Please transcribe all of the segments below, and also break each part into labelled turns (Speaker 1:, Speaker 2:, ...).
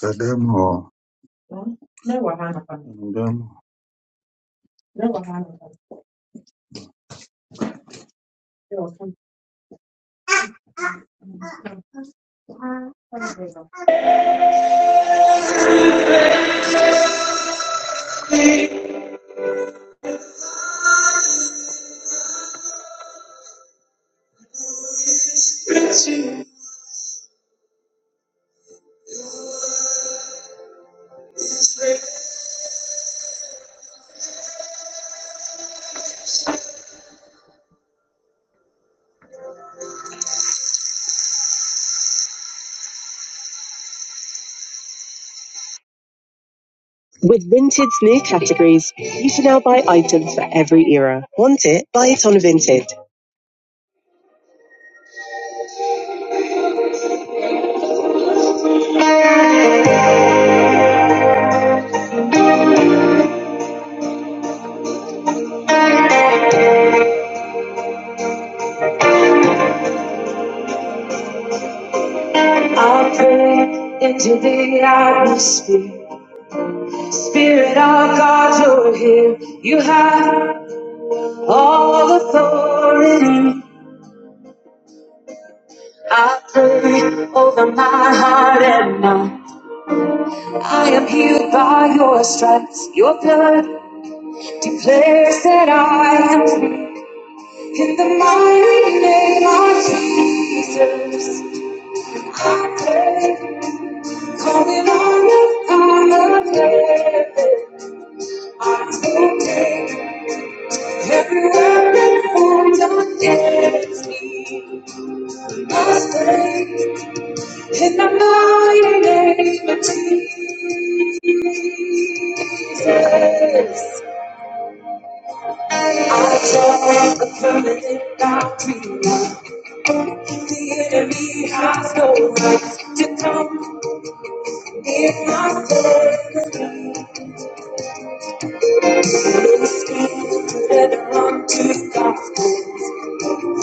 Speaker 1: The demo. With Vinted's new categories, you can now buy items for every era. Want it? Buy it on Vinted. Spirit of God, you're here. You have all authority. I pray over my heart and mind. I am healed by your stripes. Your blood declares that I am free. In the mighty name of Jesus, I pray. Calling on the Father, I'm to take every weapon formed against me. Must break in the mighty name of Jesus. I draw a permanent boundary line. the enemy has no right to come in my territory. Stand together unto God.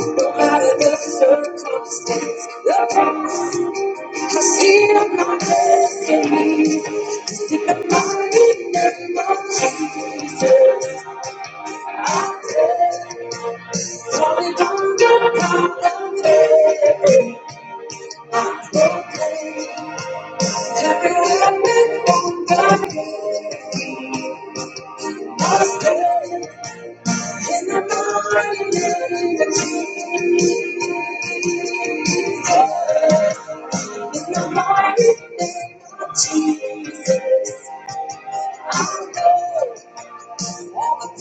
Speaker 1: No matter the circumstance, the cross I see on my destiny. In the mighty name of Jesus, I pray. Falling under my faith. Every weapon on the hill must stand. In the mighty name of Jesus, in the mighty name of Jesus, I pray. Come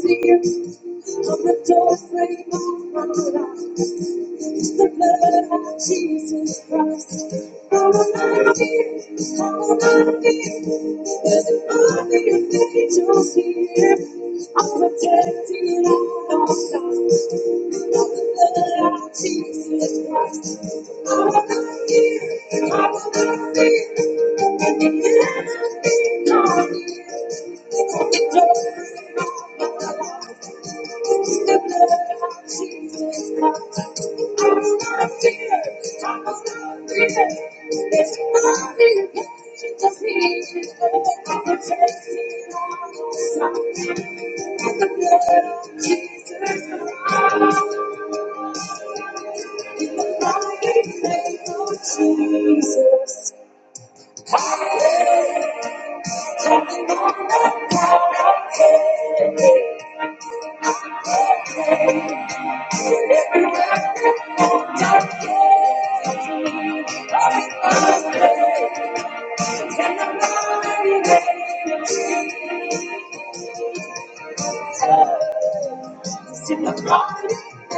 Speaker 1: see it on the doorframe of my life. the blood of Jesus Christ. I will not fear, I will not fear. There's an army of angels here. I'm protected on all sides. By the blood of Jesus Christ. I will not fear, I will not fear. And the enemy not here. The blood of the blood of Jesus Christ. I'm not a sinner, I'm not a criminal. It's only Jesus' name that protects me from the storm. The blood of Jesus Christ. In the mighty name of Jesus, calling on all I can. In the mighty name of Jesus, in the mighty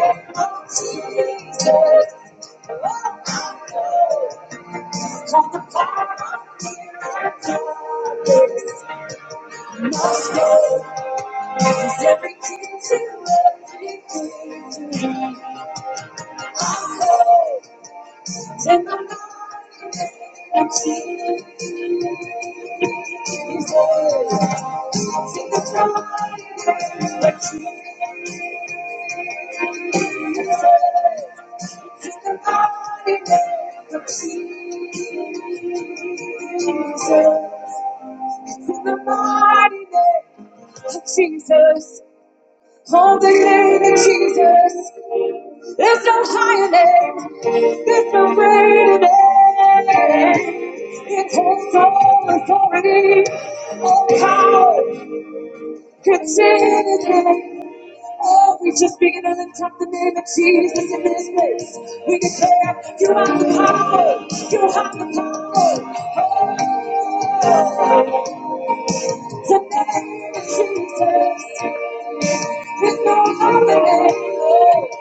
Speaker 1: name of Jesus. everything everything to everything. And I'm not seeing Jesus, All the name of Jesus. There's no higher name. There's no greater name. It takes all authority, all power, consider. Oh, we just begin to lift up the name of Jesus in this place. We declare, you have the power, you have the power. The name of Jesus, there's no other name.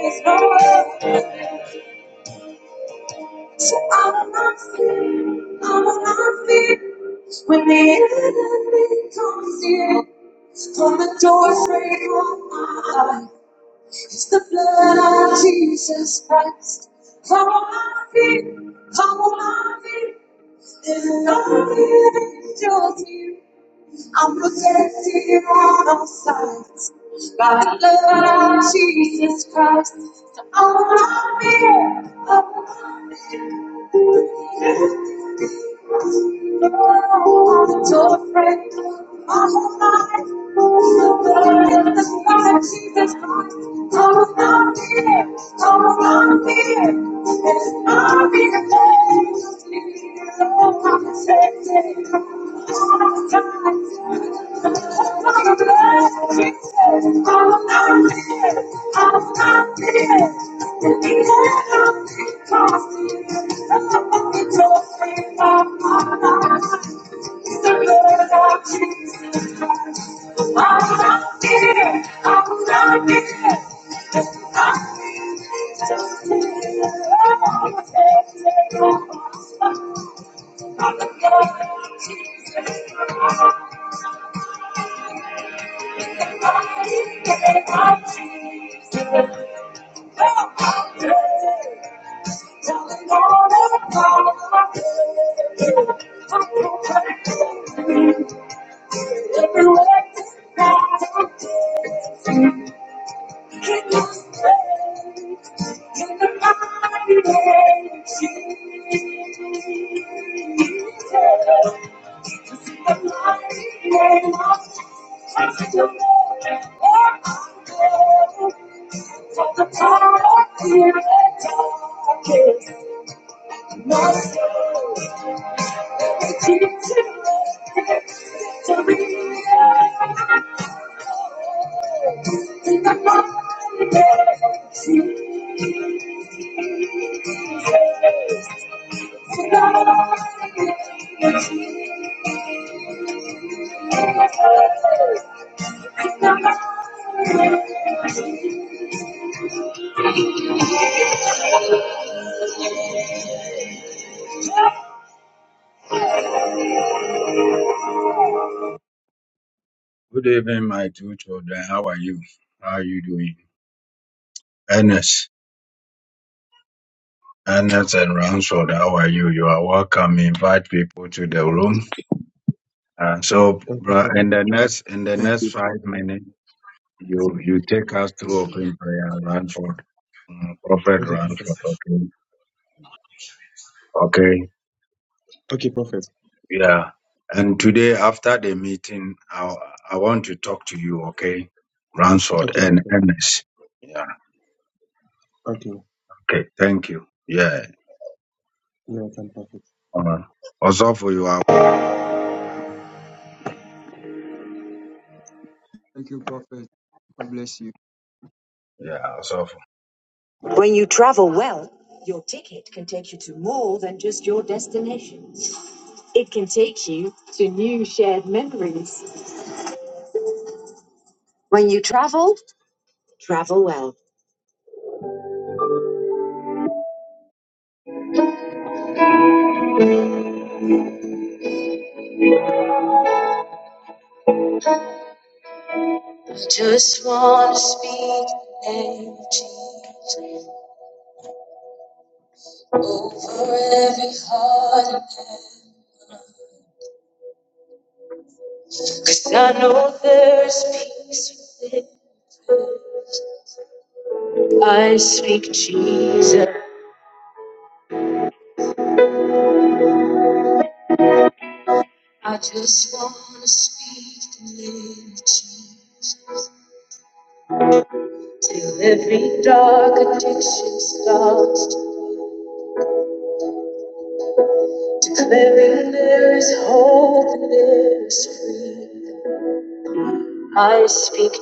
Speaker 1: There's no other. name. So I will not fear, I will not fear. When the enemy comes in, on the doorframe of my life, it's the blood of Jesus Christ. I will not fear, I will not fear. There's no angels here. I'm protected on all sides by the blood of Jesus Christ. So I will not fear, I will not fear. On the top of it, my whole life is burning in the fire. She's a fire, come around me, come around me. It's not me to blame. Just need your love, I can't take it. I'm not here. I'm not here. Thank you. Thank you. Good evening, my two children. How are you? How are you doing? Ernest. Ernest and Ransford, how are you? You are welcome. Invite people to the room. Uh, so,
Speaker 2: Okay,
Speaker 1: bro,
Speaker 2: prophet.
Speaker 1: in the next in the
Speaker 3: Thank
Speaker 1: next
Speaker 3: you,
Speaker 1: five
Speaker 3: Prophet.
Speaker 1: minutes, you you take us through open prayer, Ransford, Mm, Prophet
Speaker 2: Okay, prophet.
Speaker 1: Ransford. Okay, okay,
Speaker 2: Okay, prophet.
Speaker 1: yeah. And today, after the meeting, I I want to talk to you. Okay, Ransford
Speaker 2: Okay,
Speaker 1: and
Speaker 2: prophet.
Speaker 1: Ernest. Yeah.
Speaker 2: Okay, you're
Speaker 1: Okay. Thank you. Yeah.
Speaker 2: welcome, prophet.
Speaker 1: Uh, also for you, are-
Speaker 4: Thank you, Prophet. God bless you.
Speaker 1: yeah. Also When you travel well, your ticket can take you to more than just your destination. It can take you to new shared memories. When you travel, travel well. Just want to speak the name of Jesus over every heart. Cause I know there's peace within. I speak Jesus. Dark addiction starts declaring there is hope and there is freedom. I speak.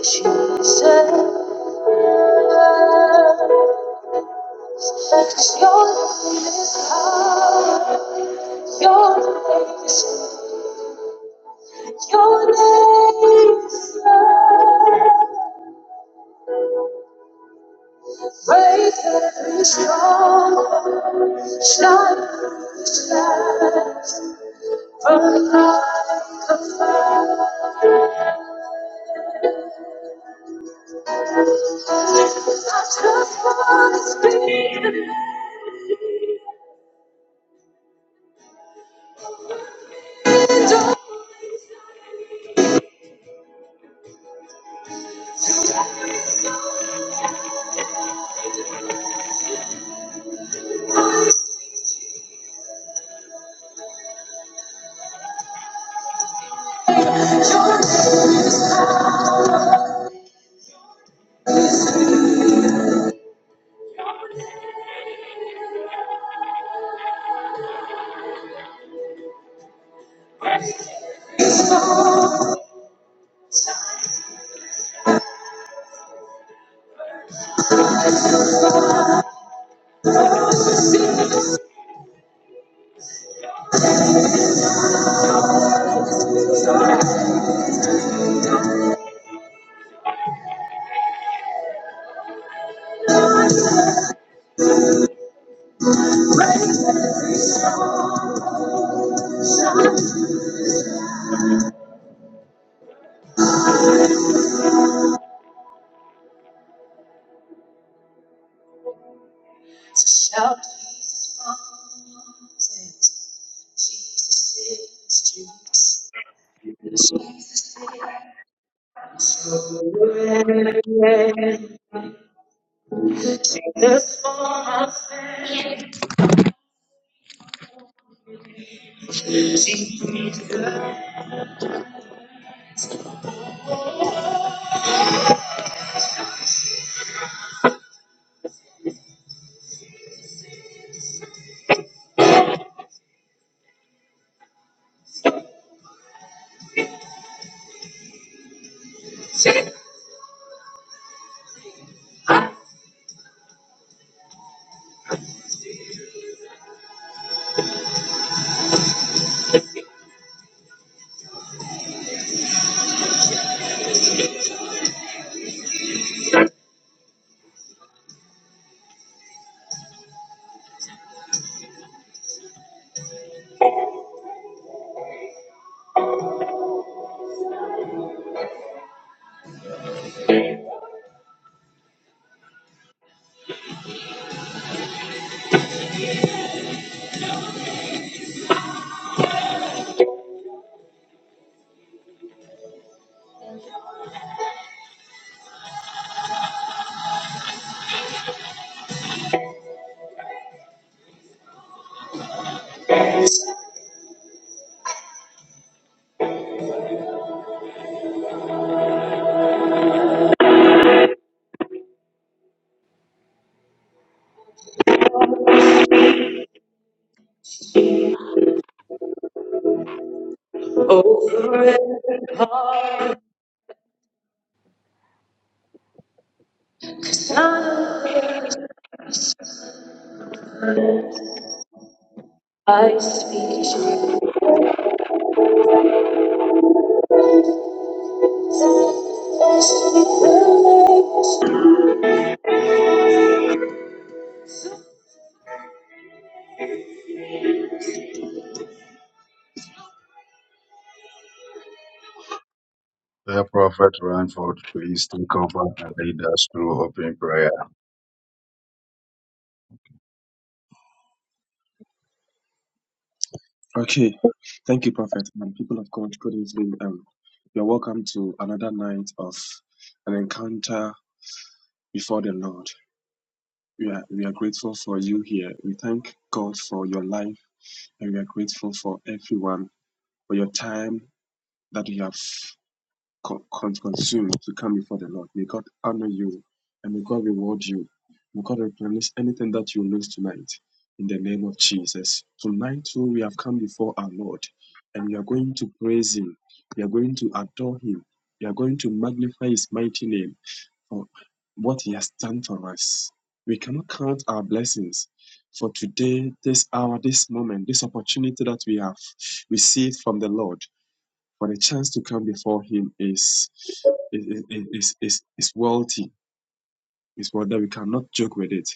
Speaker 1: Dear Prophet Ranford, please take over and lead us through open prayer.
Speaker 2: Okay, thank you, prophet. And people of God, good evening. Um, you're welcome to another night of an encounter before the Lord. We are we are grateful for you here. We thank God for your life, and we are grateful for everyone for your time that you have con- con- consume to come before the Lord. May God honor you and may God reward you. May God replenish anything that you lose tonight in the name of Jesus. Tonight, too, we have come before our Lord and we are going to praise Him. We are going to adore Him. We are going to magnify His mighty name for what He has done for us. We cannot count our blessings for today, this hour, this moment, this opportunity that we have received from the Lord for the chance to come before Him is is, is, is, is is wealthy. It's one that we cannot joke with it.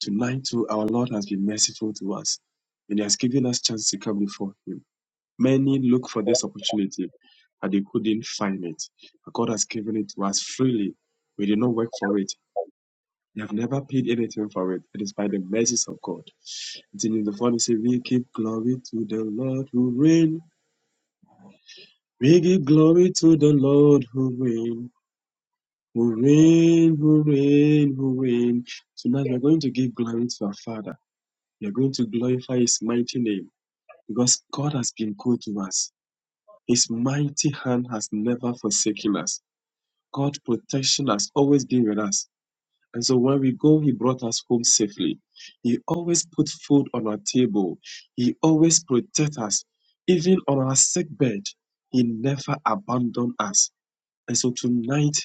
Speaker 2: Tonight, too, our Lord has been merciful to us, and He has given us chance to come before Him. Many look for this opportunity, but they couldn't find it. But God has given it to us freely. We did not work for it. We have never paid anything for it. It is by the mercies of God. It's in the form, say, we give glory to the Lord who reigns. We give glory to the Lord who reigns. Who reign, who reign, who reign. Tonight we're going to give glory to our Father. We're going to glorify His mighty name because God has been good to us. His mighty hand has never forsaken us. God's protection has always been with us. And so when we go, He brought us home safely. He always put food on our table. He always protects us. Even on our sick bed, He never abandoned us. And so tonight,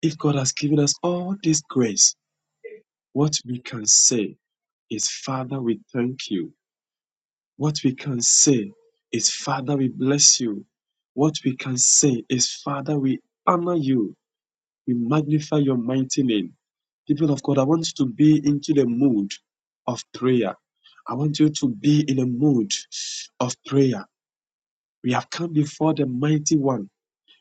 Speaker 2: if God has given us all this grace, What we can say is, Father, we thank you. What we can say is, Father, we bless you. What we can say is, Father, we honor you. We magnify your mighty name. People of God, I want you to be into the mood of prayer. I want you to be in a mood of prayer. We have come before the mighty one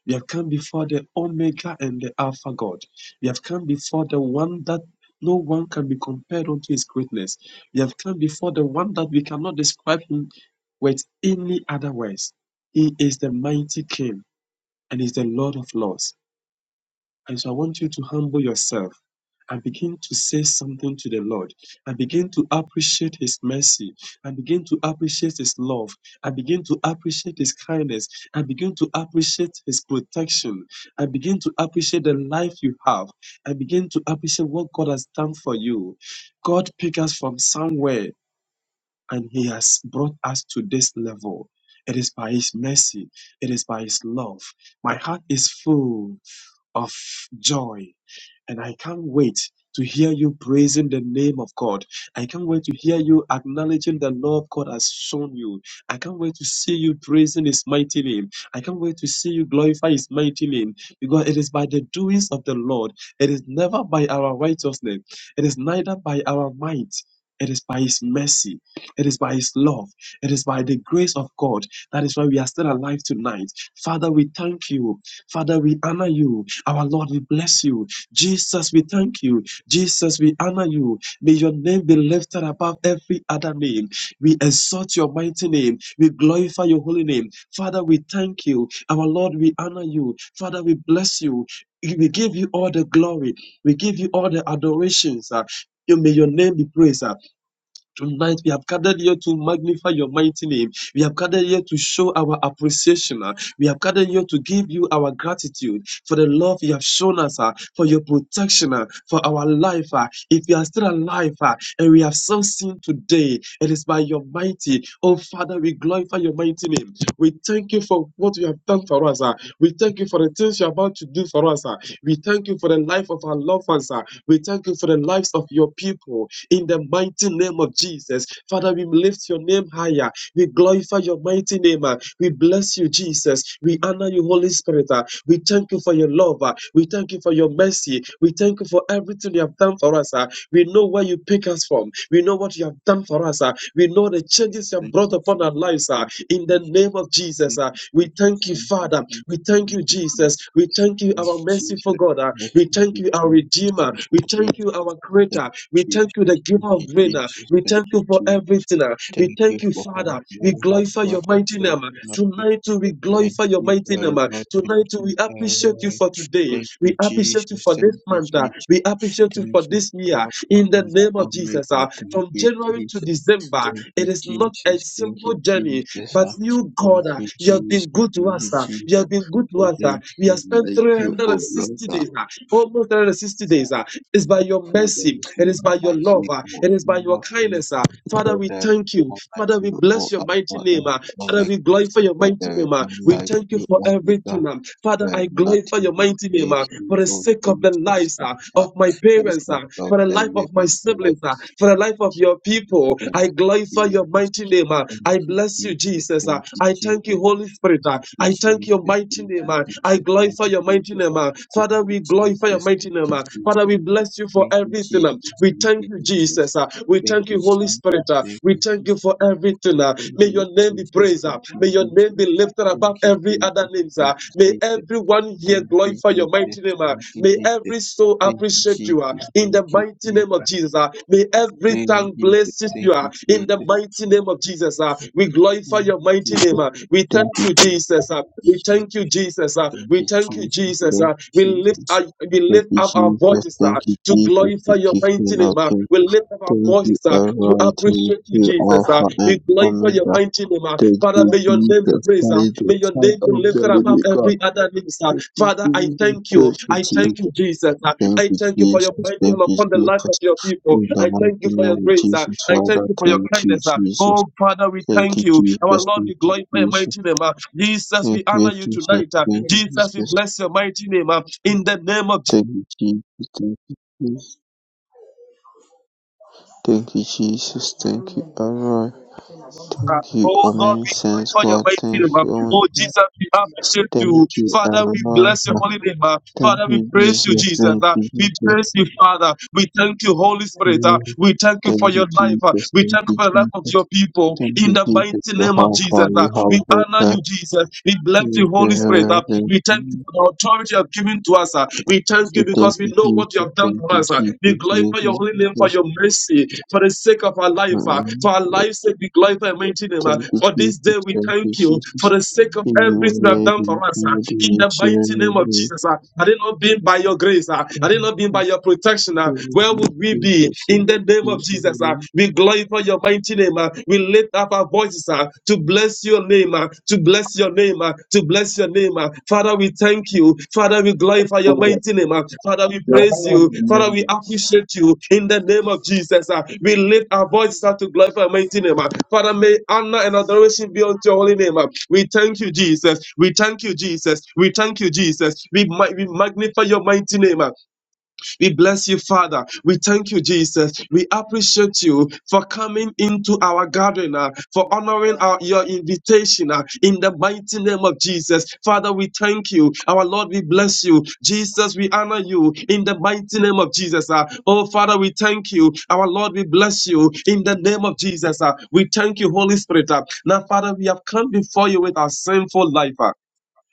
Speaker 2: we have come before the Omega and the Alpha God. We have come before the one that no one can be compared unto his greatness. We have come before the one that we cannot describe him with any other words. He is the mighty King and is the Lord of Lords. And so I want you to humble yourself and begin to say something to the Lord and begin to appreciate His mercy and begin to appreciate His love and begin to appreciate His kindness and begin to appreciate His protection and begin to appreciate the life you have and begin to appreciate what God has done for you. God picked us from somewhere and He has brought us to this level. It is by His mercy, it is by His love. My heart is full of joy. And I can't wait to hear you praising the name of God. I can't wait to hear you acknowledging the love God has shown you. I can't wait to see you praising His mighty name. I can't wait to see you glorify His mighty name because it is by the doings of the Lord. It is never by our righteousness, it is neither by our might. It is by His mercy. It is by His love. It is by the grace of God. That is why we are still alive tonight. Father, we thank you. Father, we honor you. Our Lord, we bless you. Jesus, we thank you. Jesus, we honor you. May your name be lifted above every other name. We exalt your mighty name. We glorify your holy name. Father, we thank you. Our Lord, we honor you. Father, we bless you. We give you all the glory. We give you all the adorations. uh, you- May your name be praised. uh. Tonight, we have gathered here to magnify your mighty name. We have gathered here to show our appreciation. ah. We have gathered here to give you our gratitude for the love you have shown us, ah, for your protection, ah, for our life. ah. If we are still alive ah, and we have still seen today, it is by your mighty. Oh, Father, we glorify your mighty name. We thank you for what you have done for us. ah. We thank you for the things you're about to do for us. ah. We thank you for the life of our loved ones. ah. We thank you for the lives of your people. In the mighty name of Jesus, Father, we lift your name higher. We glorify your mighty name. ah. We bless you, Jesus. We honor you, Holy Spirit. ah. We thank you for your love. ah. We thank you for your mercy. We thank you for everything you have done for us. ah. We know where you pick us from. We know what you have done for us. ah. We know the changes you have
Speaker 3: Thank you,
Speaker 2: brought
Speaker 3: Jesus.
Speaker 2: upon our lives. ah.
Speaker 3: Thank you,
Speaker 2: In the
Speaker 3: Jesus.
Speaker 2: name of Jesus, ah. we thank you,
Speaker 3: Thank you,
Speaker 2: Father.
Speaker 3: Jesus.
Speaker 2: We thank
Speaker 3: Thank
Speaker 2: you,
Speaker 3: you, Jesus.
Speaker 2: Jesus. We thank you, our
Speaker 3: Thank you, Jesus.
Speaker 2: merciful God. ah.
Speaker 3: Thank
Speaker 2: We thank
Speaker 3: you,
Speaker 2: you, our Redeemer. We thank
Speaker 3: Jesus.
Speaker 2: you, our
Speaker 3: Thank
Speaker 2: Creator.
Speaker 3: you,
Speaker 2: We
Speaker 3: Jesus. Thank you,
Speaker 2: thank
Speaker 3: Jesus.
Speaker 2: you, the
Speaker 3: Thank
Speaker 2: Giver
Speaker 3: you,
Speaker 2: of
Speaker 3: Jesus.
Speaker 2: Grain.
Speaker 3: Thank
Speaker 2: ah.
Speaker 3: you, Jesus.
Speaker 2: We
Speaker 3: Thank
Speaker 2: thank
Speaker 3: you,
Speaker 2: you for
Speaker 3: Jesus.
Speaker 2: everything. ah. We
Speaker 3: Thank you
Speaker 2: thank you,
Speaker 3: for all that
Speaker 2: Father. We
Speaker 3: you have
Speaker 2: glorify your
Speaker 3: brought us
Speaker 2: mighty
Speaker 3: up.
Speaker 2: name. ah.
Speaker 3: and up with.
Speaker 2: Tonight, too, we
Speaker 3: Thank
Speaker 2: glorify your
Speaker 3: you,
Speaker 2: mighty
Speaker 3: our
Speaker 2: name. ah.
Speaker 3: Lord. Thank
Speaker 2: Tonight, too,
Speaker 3: you,
Speaker 2: we
Speaker 3: our
Speaker 2: appreciate you
Speaker 3: Lord.
Speaker 2: for today.
Speaker 3: Thank
Speaker 2: We
Speaker 3: you, Jesus.
Speaker 2: appreciate you for this
Speaker 3: Thank you,
Speaker 2: month. ah.
Speaker 3: Jesus.
Speaker 2: We appreciate you
Speaker 3: Thank
Speaker 2: for
Speaker 3: you,
Speaker 2: this year
Speaker 3: Alpha
Speaker 2: in the
Speaker 3: and
Speaker 2: name of
Speaker 3: Omega.
Speaker 2: Jesus. ah.
Speaker 3: Thank
Speaker 2: From
Speaker 3: you,
Speaker 2: January to
Speaker 3: Jesus.
Speaker 2: December,
Speaker 3: Thank you,
Speaker 2: it is not a
Speaker 3: Jesus. Thank
Speaker 2: simple
Speaker 3: you,
Speaker 2: journey,
Speaker 3: Jesus.
Speaker 2: but
Speaker 3: Ah,
Speaker 2: you,
Speaker 3: Thank
Speaker 2: God, ah,
Speaker 3: you,
Speaker 2: you have
Speaker 3: Jesus.
Speaker 2: been
Speaker 3: Thank
Speaker 2: good to
Speaker 3: you,
Speaker 2: us. ah. You have
Speaker 3: Jesus.
Speaker 2: been good to
Speaker 3: For
Speaker 2: us.
Speaker 3: there
Speaker 2: ah.
Speaker 3: is
Speaker 2: We have
Speaker 3: none
Speaker 2: spent
Speaker 3: like you, O Lord.
Speaker 2: 360
Speaker 3: Ah,
Speaker 2: days, ah, almost 360 days. ah. It's by your
Speaker 3: For there
Speaker 2: mercy,
Speaker 3: is
Speaker 2: it is by
Speaker 3: none
Speaker 2: your
Speaker 3: like
Speaker 2: love,
Speaker 3: you,
Speaker 2: ah.
Speaker 3: O
Speaker 2: it is by
Speaker 3: King
Speaker 2: your
Speaker 3: of Kings.
Speaker 2: kindness. uh, Father,
Speaker 3: For
Speaker 2: we
Speaker 3: there is
Speaker 2: thank you.
Speaker 3: none like
Speaker 2: Father, we
Speaker 3: you, O
Speaker 2: bless your mighty
Speaker 3: Alpha
Speaker 2: name.
Speaker 3: and
Speaker 2: ah. Father, we
Speaker 3: Omega.
Speaker 2: glorify your
Speaker 3: For
Speaker 2: mighty
Speaker 3: there is
Speaker 2: name. ah.
Speaker 3: none
Speaker 2: We
Speaker 3: like
Speaker 2: thank you
Speaker 3: you,
Speaker 2: for everything.
Speaker 3: Omega.
Speaker 2: ah. Father,
Speaker 3: There
Speaker 2: I
Speaker 3: is
Speaker 2: glorify
Speaker 3: nothing
Speaker 2: your mighty name ah,
Speaker 3: like you,
Speaker 2: for the
Speaker 3: O
Speaker 2: sake of the
Speaker 3: Jesus
Speaker 2: lives ah,
Speaker 3: Christ. Ah,
Speaker 2: of my
Speaker 3: The
Speaker 2: parents,
Speaker 3: Son
Speaker 2: ah,
Speaker 3: of
Speaker 2: for the
Speaker 3: the
Speaker 2: life of my
Speaker 3: living God.
Speaker 2: siblings, ah, for the life of your people.
Speaker 3: Thank
Speaker 2: I glorify
Speaker 3: you,
Speaker 2: your
Speaker 3: Jesus.
Speaker 2: mighty name. ah.
Speaker 3: Thank
Speaker 2: I
Speaker 3: you,
Speaker 2: bless you,
Speaker 3: Jesus.
Speaker 2: Jesus. ah.
Speaker 3: Thank you,
Speaker 2: I thank
Speaker 3: Jesus.
Speaker 2: you, Holy Spirit. uh,
Speaker 3: Thank you,
Speaker 2: I thank
Speaker 3: Jesus.
Speaker 2: your
Speaker 3: Thank
Speaker 2: mighty name. uh,
Speaker 3: you,
Speaker 2: I
Speaker 3: Jesus. Thank
Speaker 2: glorify your
Speaker 3: you,
Speaker 2: mighty
Speaker 3: Jesus.
Speaker 2: name. uh.
Speaker 3: Thank
Speaker 2: Father, we
Speaker 3: you,
Speaker 2: glorify your mighty name. uh.
Speaker 3: Jesus.
Speaker 2: Father, we bless you for
Speaker 3: Thank you,
Speaker 2: everything.
Speaker 3: Jesus.
Speaker 2: um. We thank you, Jesus. uh. We
Speaker 3: Thank you, Jesus. Thank
Speaker 2: thank
Speaker 3: you,
Speaker 2: you,
Speaker 3: Jesus.
Speaker 2: Holy Spirit. uh.
Speaker 3: Thank
Speaker 2: We
Speaker 3: you,
Speaker 2: thank you for everything. uh. May your name be
Speaker 3: Jesus.
Speaker 2: praised. uh. May your name be lifted
Speaker 3: Thank you,
Speaker 2: above
Speaker 3: Jesus. Thank you,
Speaker 2: every
Speaker 3: Jesus.
Speaker 2: other name. uh. May everyone here
Speaker 3: Thank you, Jesus. Thank you, Jesus.
Speaker 2: glorify your mighty name. uh. May every soul
Speaker 3: Thank you, Jesus. Thank you, Jesus. Thank you,
Speaker 2: appreciate
Speaker 3: Jesus.
Speaker 2: you ah, in the
Speaker 3: Thank you, Jesus. Thank you, Jesus. Thank you, Jesus. Thank you, Jesus. Thank you, Jesus. Thank
Speaker 2: mighty name of Jesus. ah. May every tongue bless you ah, in the mighty name of Jesus. ah. We glorify your mighty name. ah. We thank you, Jesus. ah. We thank you, Jesus. ah. We
Speaker 3: you,
Speaker 2: thank you,
Speaker 3: Jesus.
Speaker 2: Jesus.
Speaker 3: Thank
Speaker 2: ah. We
Speaker 3: you,
Speaker 2: lift
Speaker 3: Jesus.
Speaker 2: our, we
Speaker 3: Thank
Speaker 2: lift
Speaker 3: you,
Speaker 2: up our
Speaker 3: Jesus.
Speaker 2: voices ah,
Speaker 3: Thank you,
Speaker 2: to
Speaker 3: Jesus, the
Speaker 2: glorify your mighty
Speaker 3: King of
Speaker 2: name. ah.
Speaker 3: Kings.
Speaker 2: We lift up our
Speaker 3: Thank you,
Speaker 2: voices ah, to
Speaker 3: Elroy. Thank
Speaker 2: appreciate you,
Speaker 3: you,
Speaker 2: Jesus. ah.
Speaker 3: Alpha
Speaker 2: We
Speaker 3: and
Speaker 2: glorify thank for your
Speaker 3: Omega.
Speaker 2: mighty name. ah.
Speaker 3: Thank
Speaker 2: Father,
Speaker 3: you,
Speaker 2: may your name be
Speaker 3: Jesus,
Speaker 2: praised.
Speaker 3: by
Speaker 2: ah.
Speaker 3: the
Speaker 2: May your
Speaker 3: side
Speaker 2: name be
Speaker 3: of the
Speaker 2: lifted above
Speaker 3: living God.
Speaker 2: every other name. ah.
Speaker 3: Thank you,
Speaker 2: Father, I
Speaker 3: Jesus.
Speaker 2: thank you.
Speaker 3: Thank you,
Speaker 2: I thank you,
Speaker 3: Jesus.
Speaker 2: Jesus. ah.
Speaker 3: Thank
Speaker 2: I
Speaker 3: you,
Speaker 2: thank you for your
Speaker 3: Jesus.
Speaker 2: mighty
Speaker 3: Thank
Speaker 2: hand
Speaker 3: you,
Speaker 2: upon the life of your
Speaker 3: Jesus.
Speaker 2: people.
Speaker 3: In the
Speaker 2: I
Speaker 3: mighty
Speaker 2: thank you for your
Speaker 3: name of
Speaker 2: grace. ah.
Speaker 3: Jesus,
Speaker 2: I thank
Speaker 3: Father,
Speaker 2: you for your
Speaker 3: thank you,
Speaker 2: kindness. ah.
Speaker 3: Jesus.
Speaker 2: Oh, Father, we
Speaker 3: Thank you,
Speaker 2: thank you. Our
Speaker 3: Jesus.
Speaker 2: Lord,
Speaker 3: Thank
Speaker 2: we
Speaker 3: you,
Speaker 2: glorify your
Speaker 3: Jesus.
Speaker 2: mighty name. ah. Jesus,
Speaker 3: Thank
Speaker 2: we
Speaker 3: you,
Speaker 2: honor you
Speaker 3: Jesus.
Speaker 2: tonight. ah.
Speaker 3: Thank you,
Speaker 2: Jesus, we
Speaker 3: Jesus.
Speaker 2: bless your mighty name. ah. In the name of
Speaker 3: Thank you, Jesus. Thank you, Jesus. Thank you, Jesus. Thank you, Elroy.
Speaker 2: Uh,
Speaker 3: Thank you,
Speaker 2: Oh
Speaker 3: O
Speaker 2: Lord,
Speaker 3: many
Speaker 2: we
Speaker 3: saints
Speaker 2: glorify your
Speaker 3: God,
Speaker 2: mighty
Speaker 3: thank
Speaker 2: name. uh.
Speaker 3: you, O
Speaker 2: Oh Jesus, we appreciate
Speaker 3: thank
Speaker 2: you.
Speaker 3: you,
Speaker 2: Father, we
Speaker 3: Elohim,
Speaker 2: bless your holy name. uh.
Speaker 3: thank
Speaker 2: Father, we
Speaker 3: you,
Speaker 2: praise you,
Speaker 3: Jesus,
Speaker 2: Jesus.
Speaker 3: thank
Speaker 2: uh.
Speaker 3: you,
Speaker 2: We
Speaker 3: Jesus,
Speaker 2: praise you, Father. We thank you, Holy Spirit. uh.
Speaker 3: Amen.
Speaker 2: We thank you for
Speaker 3: thank you,
Speaker 2: your life. uh.
Speaker 3: Jesus,
Speaker 2: We
Speaker 3: thank
Speaker 2: thank you
Speaker 3: you,
Speaker 2: for the life of your
Speaker 3: Jesus,
Speaker 2: people.
Speaker 3: thank
Speaker 2: In
Speaker 3: you,
Speaker 2: the
Speaker 3: Jesus,
Speaker 2: mighty
Speaker 3: for
Speaker 2: name of
Speaker 3: how far
Speaker 2: Jesus, uh.
Speaker 3: you have
Speaker 2: we
Speaker 3: brought
Speaker 2: honor you,
Speaker 3: us,
Speaker 2: Jesus. We bless
Speaker 3: Jesus,
Speaker 2: you, Holy Spirit.
Speaker 3: uh,
Speaker 2: uh.
Speaker 3: thank
Speaker 2: We thank you
Speaker 3: you,
Speaker 2: for the authority you have given to us. uh. We thank
Speaker 3: We
Speaker 2: you
Speaker 3: thank
Speaker 2: because we
Speaker 3: you,
Speaker 2: know what you
Speaker 3: Jesus,
Speaker 2: have done
Speaker 3: thank
Speaker 2: for
Speaker 3: you,
Speaker 2: us uh, Be
Speaker 3: Jesus,
Speaker 2: glorified
Speaker 3: thank
Speaker 2: for your
Speaker 3: you,
Speaker 2: holy name for
Speaker 3: Jesus,
Speaker 2: your mercy, for the sake of our life, uh,
Speaker 3: Amen.
Speaker 2: for our life's sake. Be glorified, and mighty name. uh,
Speaker 3: thank you,
Speaker 2: For
Speaker 3: Jesus,
Speaker 2: this day, we
Speaker 3: thank you,
Speaker 2: thank you for
Speaker 3: Jesus,
Speaker 2: the
Speaker 3: you,
Speaker 2: sake of
Speaker 3: your
Speaker 2: everything I've
Speaker 3: name,
Speaker 2: done
Speaker 3: in
Speaker 2: for us. uh,
Speaker 3: the
Speaker 2: In
Speaker 3: name of
Speaker 2: the mighty name of Jesus, uh, had it not been by your grace, uh, had it not been
Speaker 3: Jesus.
Speaker 2: by your protection, uh,
Speaker 3: Hili ni
Speaker 2: where would
Speaker 3: kundi
Speaker 2: we
Speaker 3: la
Speaker 2: be?
Speaker 3: watu,
Speaker 2: In the name of
Speaker 3: wengi
Speaker 2: Jesus, uh,
Speaker 3: wao
Speaker 2: we glorify your mighty name. uh, We lift up our voices uh, to bless bless your name, uh, to bless your name, uh, to bless your name. uh. Father, we thank you. Father, we glorify your mighty name. uh. Father, we praise you. Father, we appreciate you in the name of Jesus. uh. We lift our voices up to glorify your mighty name. uh. Father, may honor and adoration be unto your holy name. uh. We thank you, Jesus. We thank you, Jesus. We thank you, Jesus. We, ma- we magnify your mighty name. uh. We bless you, Father. We thank you, Jesus. We appreciate you for coming into our gathering, uh, for honoring our, your invitation uh, in the mighty name of Jesus. Father, we thank you. Our Lord, we bless you. Jesus, we honor you in the mighty name of Jesus. uh. Oh, Father, we thank you. Our Lord, we bless you in the name of Jesus. uh. We thank you, Holy Spirit. uh. Now, Father, we have come before you with our sinful life. uh.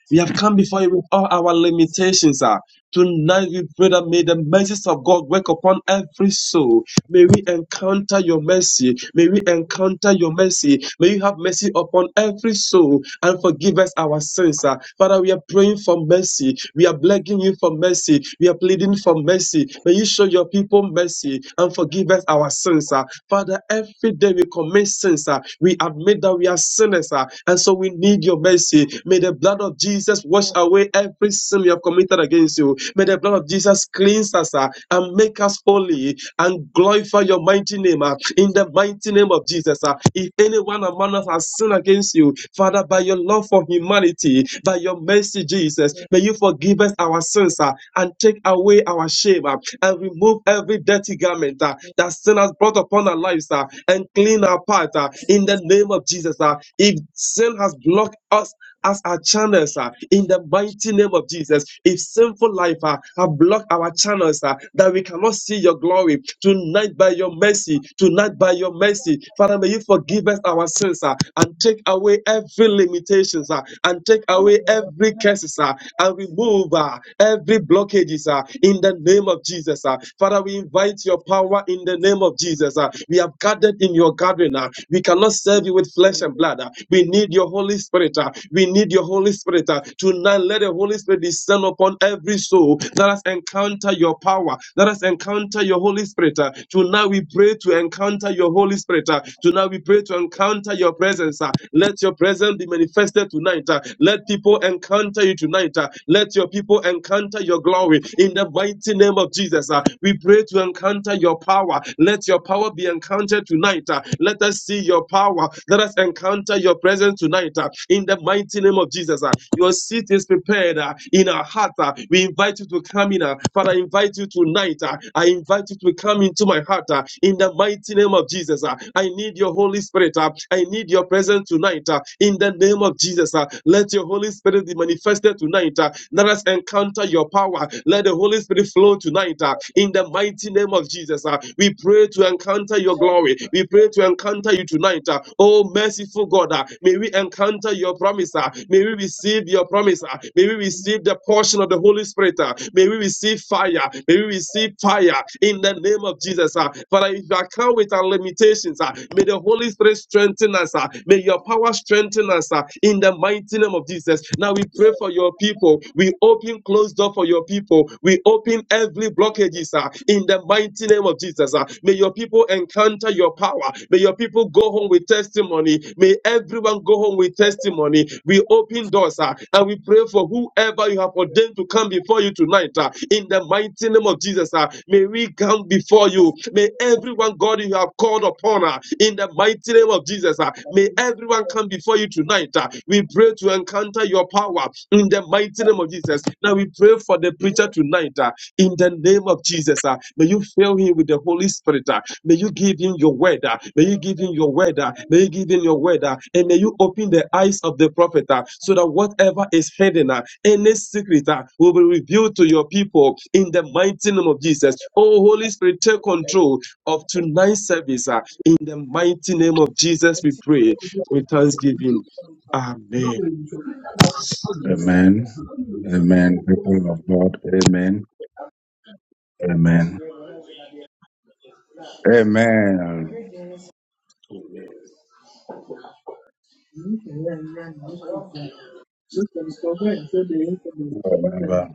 Speaker 2: We have come before you with all our limitations. ah. Tonight we pray that may the mercies of God work upon every soul. May we encounter your mercy. May we encounter your mercy. May you have mercy upon every soul and forgive us our sins. ah. Father, we are praying for mercy. We are begging you for mercy. We are pleading for mercy. May you show your people mercy and forgive us our sins. ah. Father, every day we commit sins. ah. We admit that we are sinners. ah, And so we need your mercy. May the blood of Jesus wash away every sin we have committed against you. May the blood of Jesus cleanse us ah, and make us holy and glorify your mighty name ah, in the mighty name of Jesus. ah. If anyone among us has sinned against you, Father, by your love for humanity, by your mercy, Jesus, may you forgive us our sins ah, and take away our shame ah, and remove every dirty garment ah, that sin has brought upon our lives ah, and clean our path ah, in the name of Jesus. ah. If sin has blocked us as our channels are in the mighty name of Jesus. If sinful life uh, have blocked our channels uh, that we cannot see your glory tonight by your mercy, tonight by your mercy, Father, may you forgive us our sins uh, and take away every limitations uh, and take away every curses uh, and remove uh, every blockages uh, in the name of Jesus. uh. Father, we invite your power in the name of Jesus. uh. we have gathered in your gathering. uh. We we cannot serve you with flesh and blood. uh. We need your Holy Spirit. uh. We need your Holy Spirit. uh. Tonight, let the Holy Spirit descend upon every soul. Let us encounter your power. Let us encounter your Holy Spirit. uh. Tonight, we pray to encounter your Holy Spirit. uh. Tonight, we pray to encounter your presence. uh. Let your presence be manifested tonight. uh. Let people encounter you tonight. uh. Let your people encounter your glory in the mighty name of Jesus. uh. We pray to encounter your your power. Let your power be encountered tonight. uh, Let us see your power. Let us encounter your presence tonight uh, in the mighty name of Jesus. uh, Your seat is prepared uh, in our heart. uh, We invite you to come in. uh, Father, I invite you tonight. uh, I invite you to come into my heart uh, in the mighty name of Jesus. uh, I need your Holy Spirit. uh, I need your presence tonight uh, in the name of Jesus. uh, Let your Holy Spirit be manifested tonight. uh, Let us encounter your power uh, Let the Holy Spirit flow tonight uh, in the mighty name of Jesus. uh, We pray to encounter your glory. We pray to encounter you tonight. uh, Oh, merciful God, uh, may we encounter your promise. uh, May we receive your promise. uh, May we receive the portion of the Holy Spirit. uh, May we receive fire. May we receive fire in the name of Jesus. uh, Father, if I come with our limitations, uh, may the Holy Spirit strengthen us. uh, May your power strengthen us uh, in the mighty name of Jesus. Jesus. Now we pray for your people. We open closed door for your people. We open every blockages ah, in the mighty name of Jesus. ah. May your people encounter your power. May your people go home with testimony. May everyone go home with testimony. We open doors ah, and we pray for whoever you have ordained to come before you tonight. ah, In the mighty name of Jesus, ah. may we come before you. May everyone, God, you have called upon ah, in the mighty name of Jesus. Jesus. uh, May everyone come before you tonight. uh, We pray to encounter your power in the mighty name of Jesus. Now we pray for the preacher tonight uh, in the name of Jesus. uh, May you fill him with the Holy Spirit. uh, May you give him your word. uh, May you give him your word. uh, May you give him your word. uh, And may you open the eyes of the prophet uh, so that whatever is hidden, uh, any secret uh, will be revealed to your people in the mighty name of Jesus. Oh, Holy Spirit, take control of tonight's service. Uh, in the mighty name of Jesus, we pray
Speaker 5: He was
Speaker 2: with
Speaker 5: also
Speaker 2: thanksgiving.
Speaker 5: a
Speaker 2: Amen.
Speaker 1: Amen. Amen. People of God. Amen. Amen. Amen.
Speaker 2: Amen.
Speaker 1: Remember,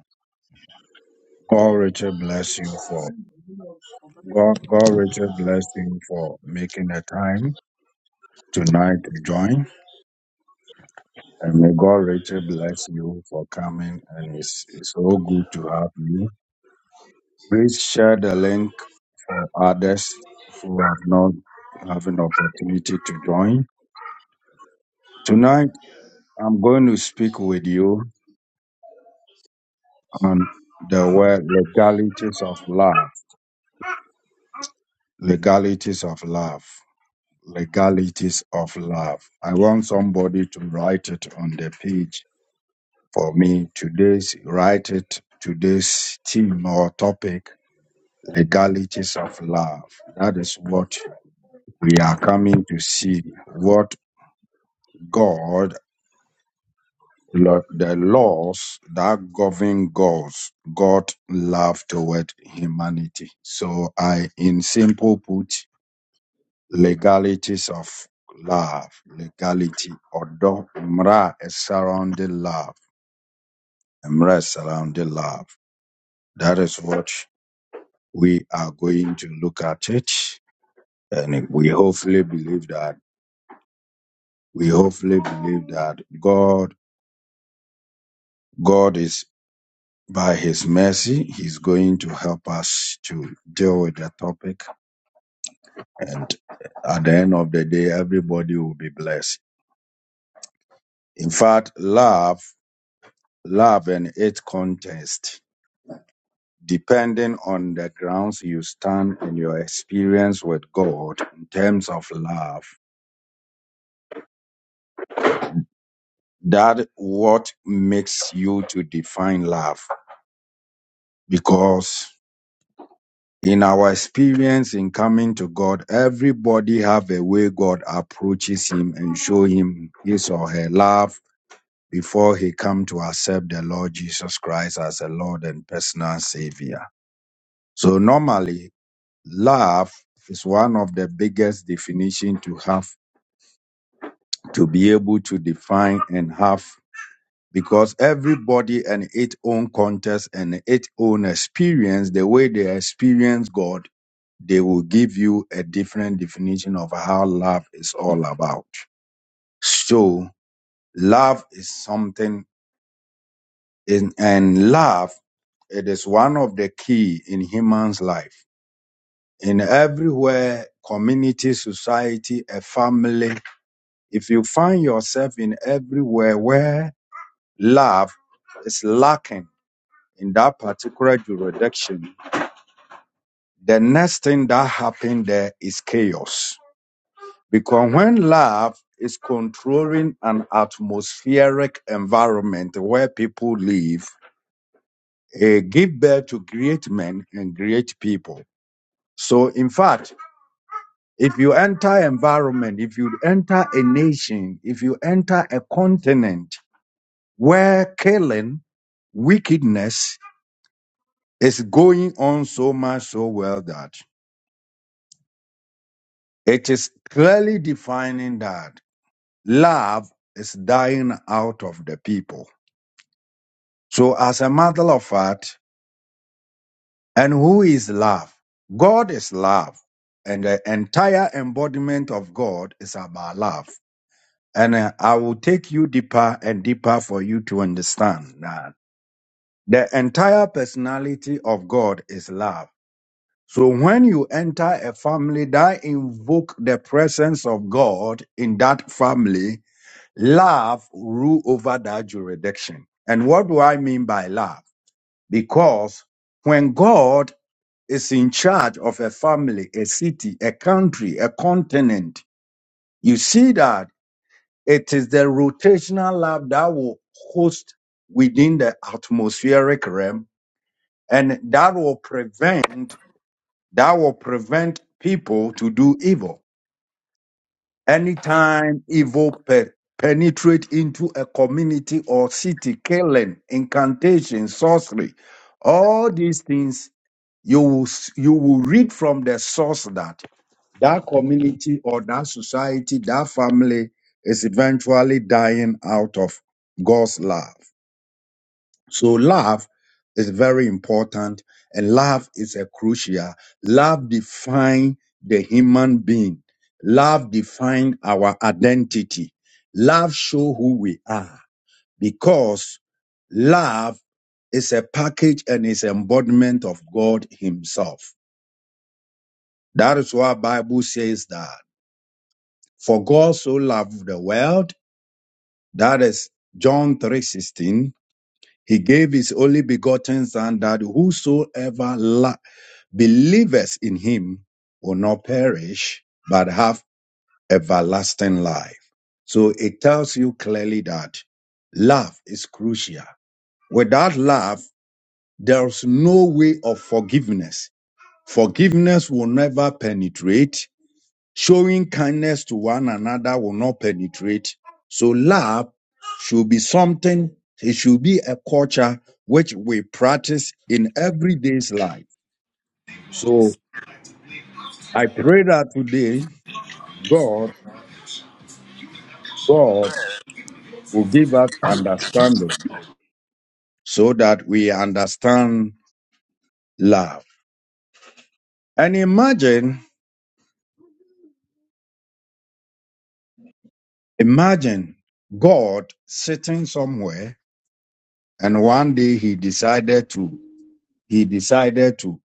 Speaker 1: God Richard bless you for God, God richly bless you for making the time tonight to join. And may God Richard bless you for coming. And it's it's so good to have you. Please share the link for others who have not have an opportunity to join. Tonight I'm going to speak with you And the word legalities of love. Legalities of love. Legalities of love. I want somebody to write it on the page for me. Today's, write it, today's theme or topic, legalities of love. That is what we are coming to see. What God, lo- the laws that govern God's, God love toward humanity. So I, in simple put, legalities of love, legality, odo, mra is surrounding love, mra is surrounding love. That is what we are going to look at it, and we hopefully believe that we hopefully believe that God, God is by His mercy, He's going to help us to deal with the topic, and at the end of the day, everybody will be blessed. In fact, love, love and its context. depending on the grounds you stand in your experience with God in terms of love. That what makes you to define love. Because in our experience in coming to God, everybody have a way God approaches him and show him his or her love before he come to accept the Lord Jesus Christ as a Lord and personal savior. So normally love is one of the biggest definition to have to be able to define and have because everybody and its own context and its own experience, the way they experience God, they will give you a different definition of how love is all about. So love is something in, and love, it is one of the key in human's life. In everywhere, community, society, a family, if you find yourself in everywhere where love is lacking in that particular jurisdiction, the next thing that happens there is chaos. Because when love is controlling an atmospheric environment where people live, it gives birth to great men and great people. So in fact, if you enter environment, if you enter a nation, if you enter a continent where killing, wickedness, It's going on so much so well that it is clearly defining that love is dying out of the people. So, as a matter of fact, and who is love? God is love, and the entire embodiment of God is about love. And uh, I will take you deeper and deeper for you to understand that the entire personality of God is love So when you enter a family that invoke the presence of God in that family, love rule over that jurisdiction. And what do I mean by love? Because when God is in charge of a family, a city, a country, a continent, you see that it is the rotational love that will host within the atmospheric realm and that will prevent that will prevent people to do evil. Anytime evil pe- penetrate into a community or city, killing, incantation, sorcery, all these things you will, s- you will read from the source that that community or that society, that family is eventually dying out of God's love. So love is very important and love is a crucial. Love define the human being. Love define our identity. Love show who we are because love is a package and is embodiment of God himself. That is why Bible says that for God so loved the world, that is John 3:16, He gave his only begotten Son that whosoever la- believeth in him will not perish, but have everlasting life. So it tells you clearly that love is crucial. Without love, there's no way of forgiveness. Forgiveness will never penetrate Showing kindness to one another will not penetrate. So love should be something, it should be a culture which we practice in everyday's life. So I pray that today God, God will give us understanding so that we understand love. And imagine, imagine God sitting somewhere and one day he decided to, he decided to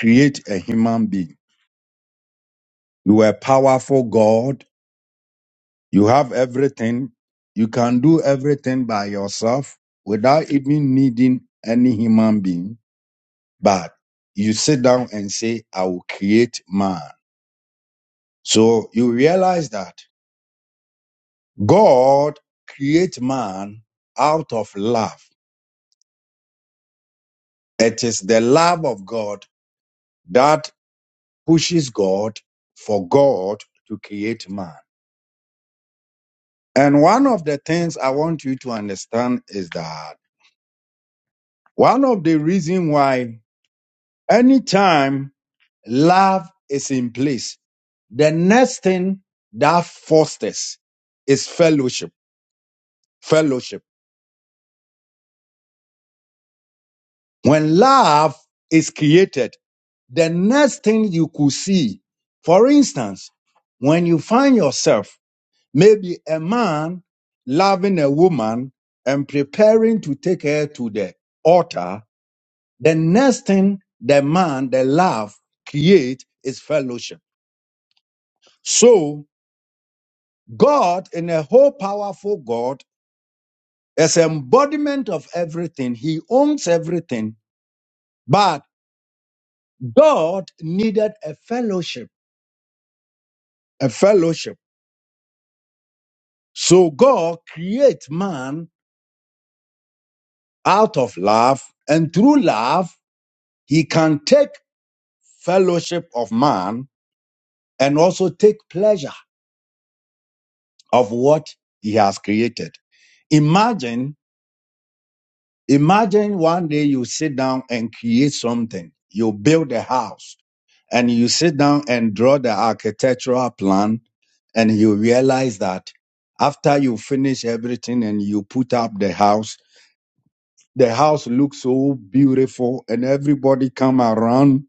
Speaker 1: create a human being You are a powerful God. You have everything. You can do everything by yourself without even needing any human being. But you sit down and say, I will create man. So you realize that God creates man out of love. It is the love of God that pushes God for God to create man. And one of the things I want you to understand is that One of the reason why anytime love is in place, the next thing that fosters is fellowship. Fellowship. When love is created, the next thing you could see, for instance, when you find yourself, maybe a man loving a woman and preparing to take her to the altar, the next thing the man, the love create is fellowship So God, in a whole powerful God, as embodiment of everything, He owns everything. But God needed a fellowship, a fellowship. So God creates man out of love, and through love, He can take fellowship of man and also take pleasure of what He has created. Imagine Imagine one day you sit down and create something. You build a house and you sit down and draw the architectural plan and you realize that after you finish everything and you put up the house, the house looks so beautiful and everybody come around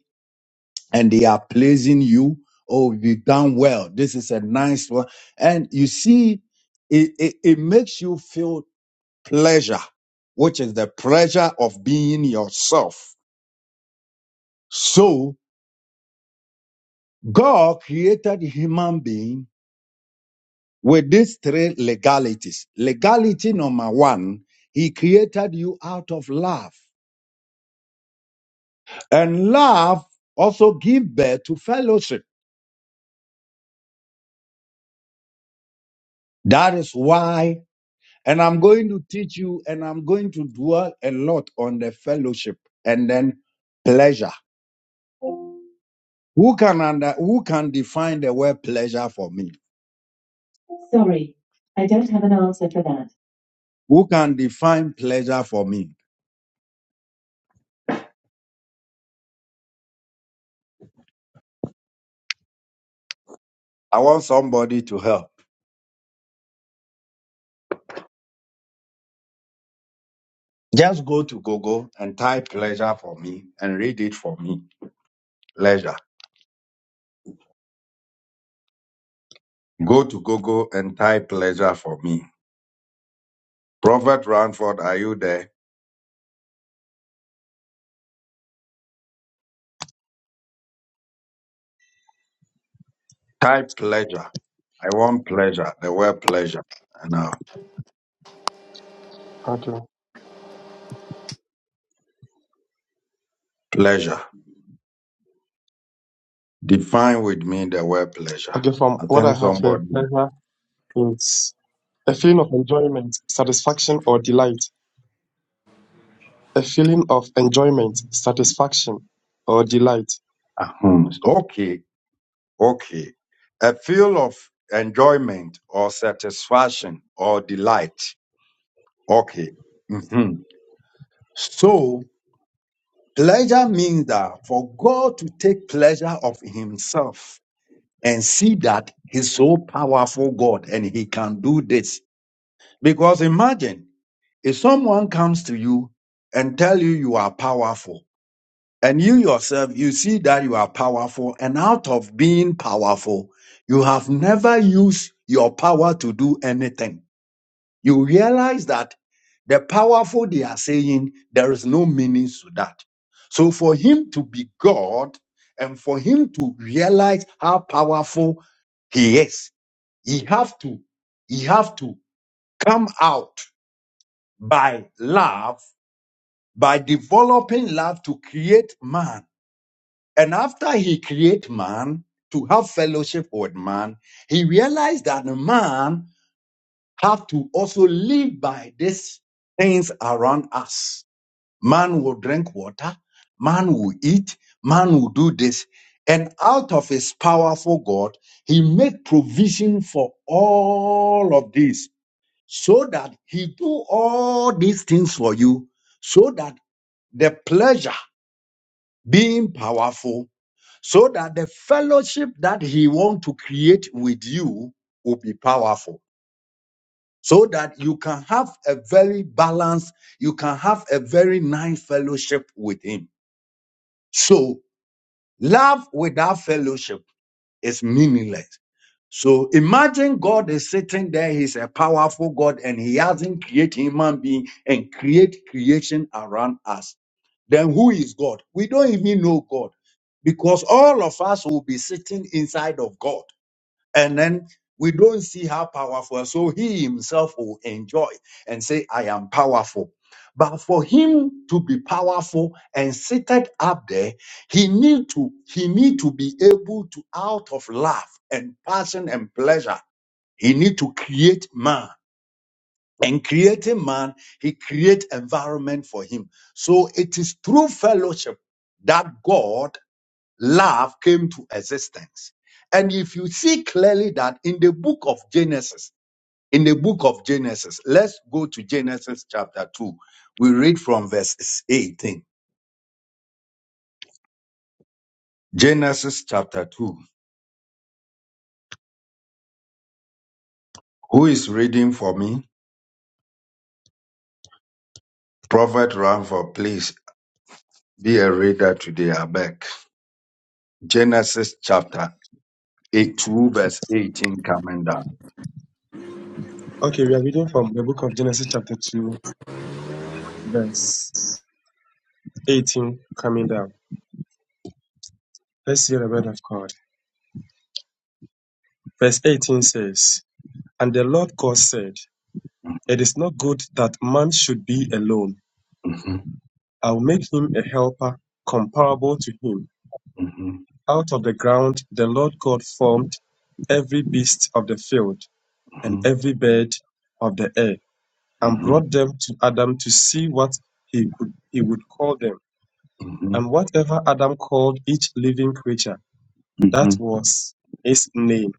Speaker 1: and they are praising you. Oh, you done well. This is a nice one. And you see, it, it, it makes you feel pleasure, which is the pleasure of being yourself. So God created human being with these three legalities. Legality number one, he created you out of love. And love also gives birth to fellowship. That is why, and I'm going to teach you and I'm going to dwell a lot on the fellowship and then pleasure. Who can under, who can define the word pleasure for me? Who can define pleasure for me? I want somebody to help. Just go to Google and type pleasure for me and read it for me. Pleasure. Go to Google and type pleasure for me. Prophet Ranford, are you there? Type pleasure. I want pleasure. The word pleasure. And now,
Speaker 2: Okay.
Speaker 1: pleasure. Define with me the word pleasure.
Speaker 2: Okay, from
Speaker 1: I
Speaker 2: what I
Speaker 1: think
Speaker 2: have here,
Speaker 1: somebody.
Speaker 2: pleasure is a feeling of enjoyment, satisfaction, or delight. A feeling of enjoyment, satisfaction, or delight.
Speaker 1: Uh-huh. Okay. Okay. A feel of enjoyment or satisfaction or delight Okay. Mhm. So pleasure means that for God to take pleasure of himself and see that he's so powerful God and he can do this. Because imagine if someone comes to you and tell you you are powerful and you yourself, you see that you are powerful and out of being powerful, you have never used your power to do anything. You realize that the powerful, they are saying there is no meaning to that. So for him to be God and for him to realize how powerful he is, he have to, he have to come out by love, by developing love to create man. And after he create man, to have fellowship with man, he realized that man have to also live by these things around us. Man will drink water, man will eat, man will do this. And out of his powerful God, he made provision for all of this so that he do all these things for you so that the pleasure being powerful, so that the fellowship that he want to create with you will be powerful so that you can have a very balanced, you can have a very nice fellowship with him. So love without fellowship is meaningless. So imagine God is sitting there, he's a powerful God and he hasn't created human being and create creation around us. Then who is God? We don't even know God because all of us will be sitting inside of God and then we don't see how powerful. So he himself will enjoy and say, I am powerful. But for him to be powerful and seated up there, he need to he need to be able to out of love and passion and pleasure, he need to create man. And creating man, he create environment for him. So it is through fellowship that God love came to existence. And if you see clearly that in the book of Genesis, in the book of Genesis, let's go to Genesis chapter 2. We read from verse 18. Genesis chapter 2. Who is reading for me? Prophet Ramford, please be a reader today. I beg. Genesis chapter 8, 2, verse 18 coming down.
Speaker 2: Okay, we are reading from the book of Genesis, chapter 2, verse 18, coming down. Let's hear the word of God. Verse 18 says, And the Lord God said, It is not good that man should be alone.
Speaker 1: Mhm,
Speaker 2: I'll make him a helper comparable to him.
Speaker 1: mhm,
Speaker 2: Out of the ground the Lord God formed every beast of the field and
Speaker 1: mhm,
Speaker 2: every bird of the air, and
Speaker 1: mhm, mhm,
Speaker 2: brought them to Adam to see what he would, he would call them.
Speaker 1: mhm,
Speaker 2: And whatever Adam called each living creature, that
Speaker 1: mhm, mhm,
Speaker 2: was its name.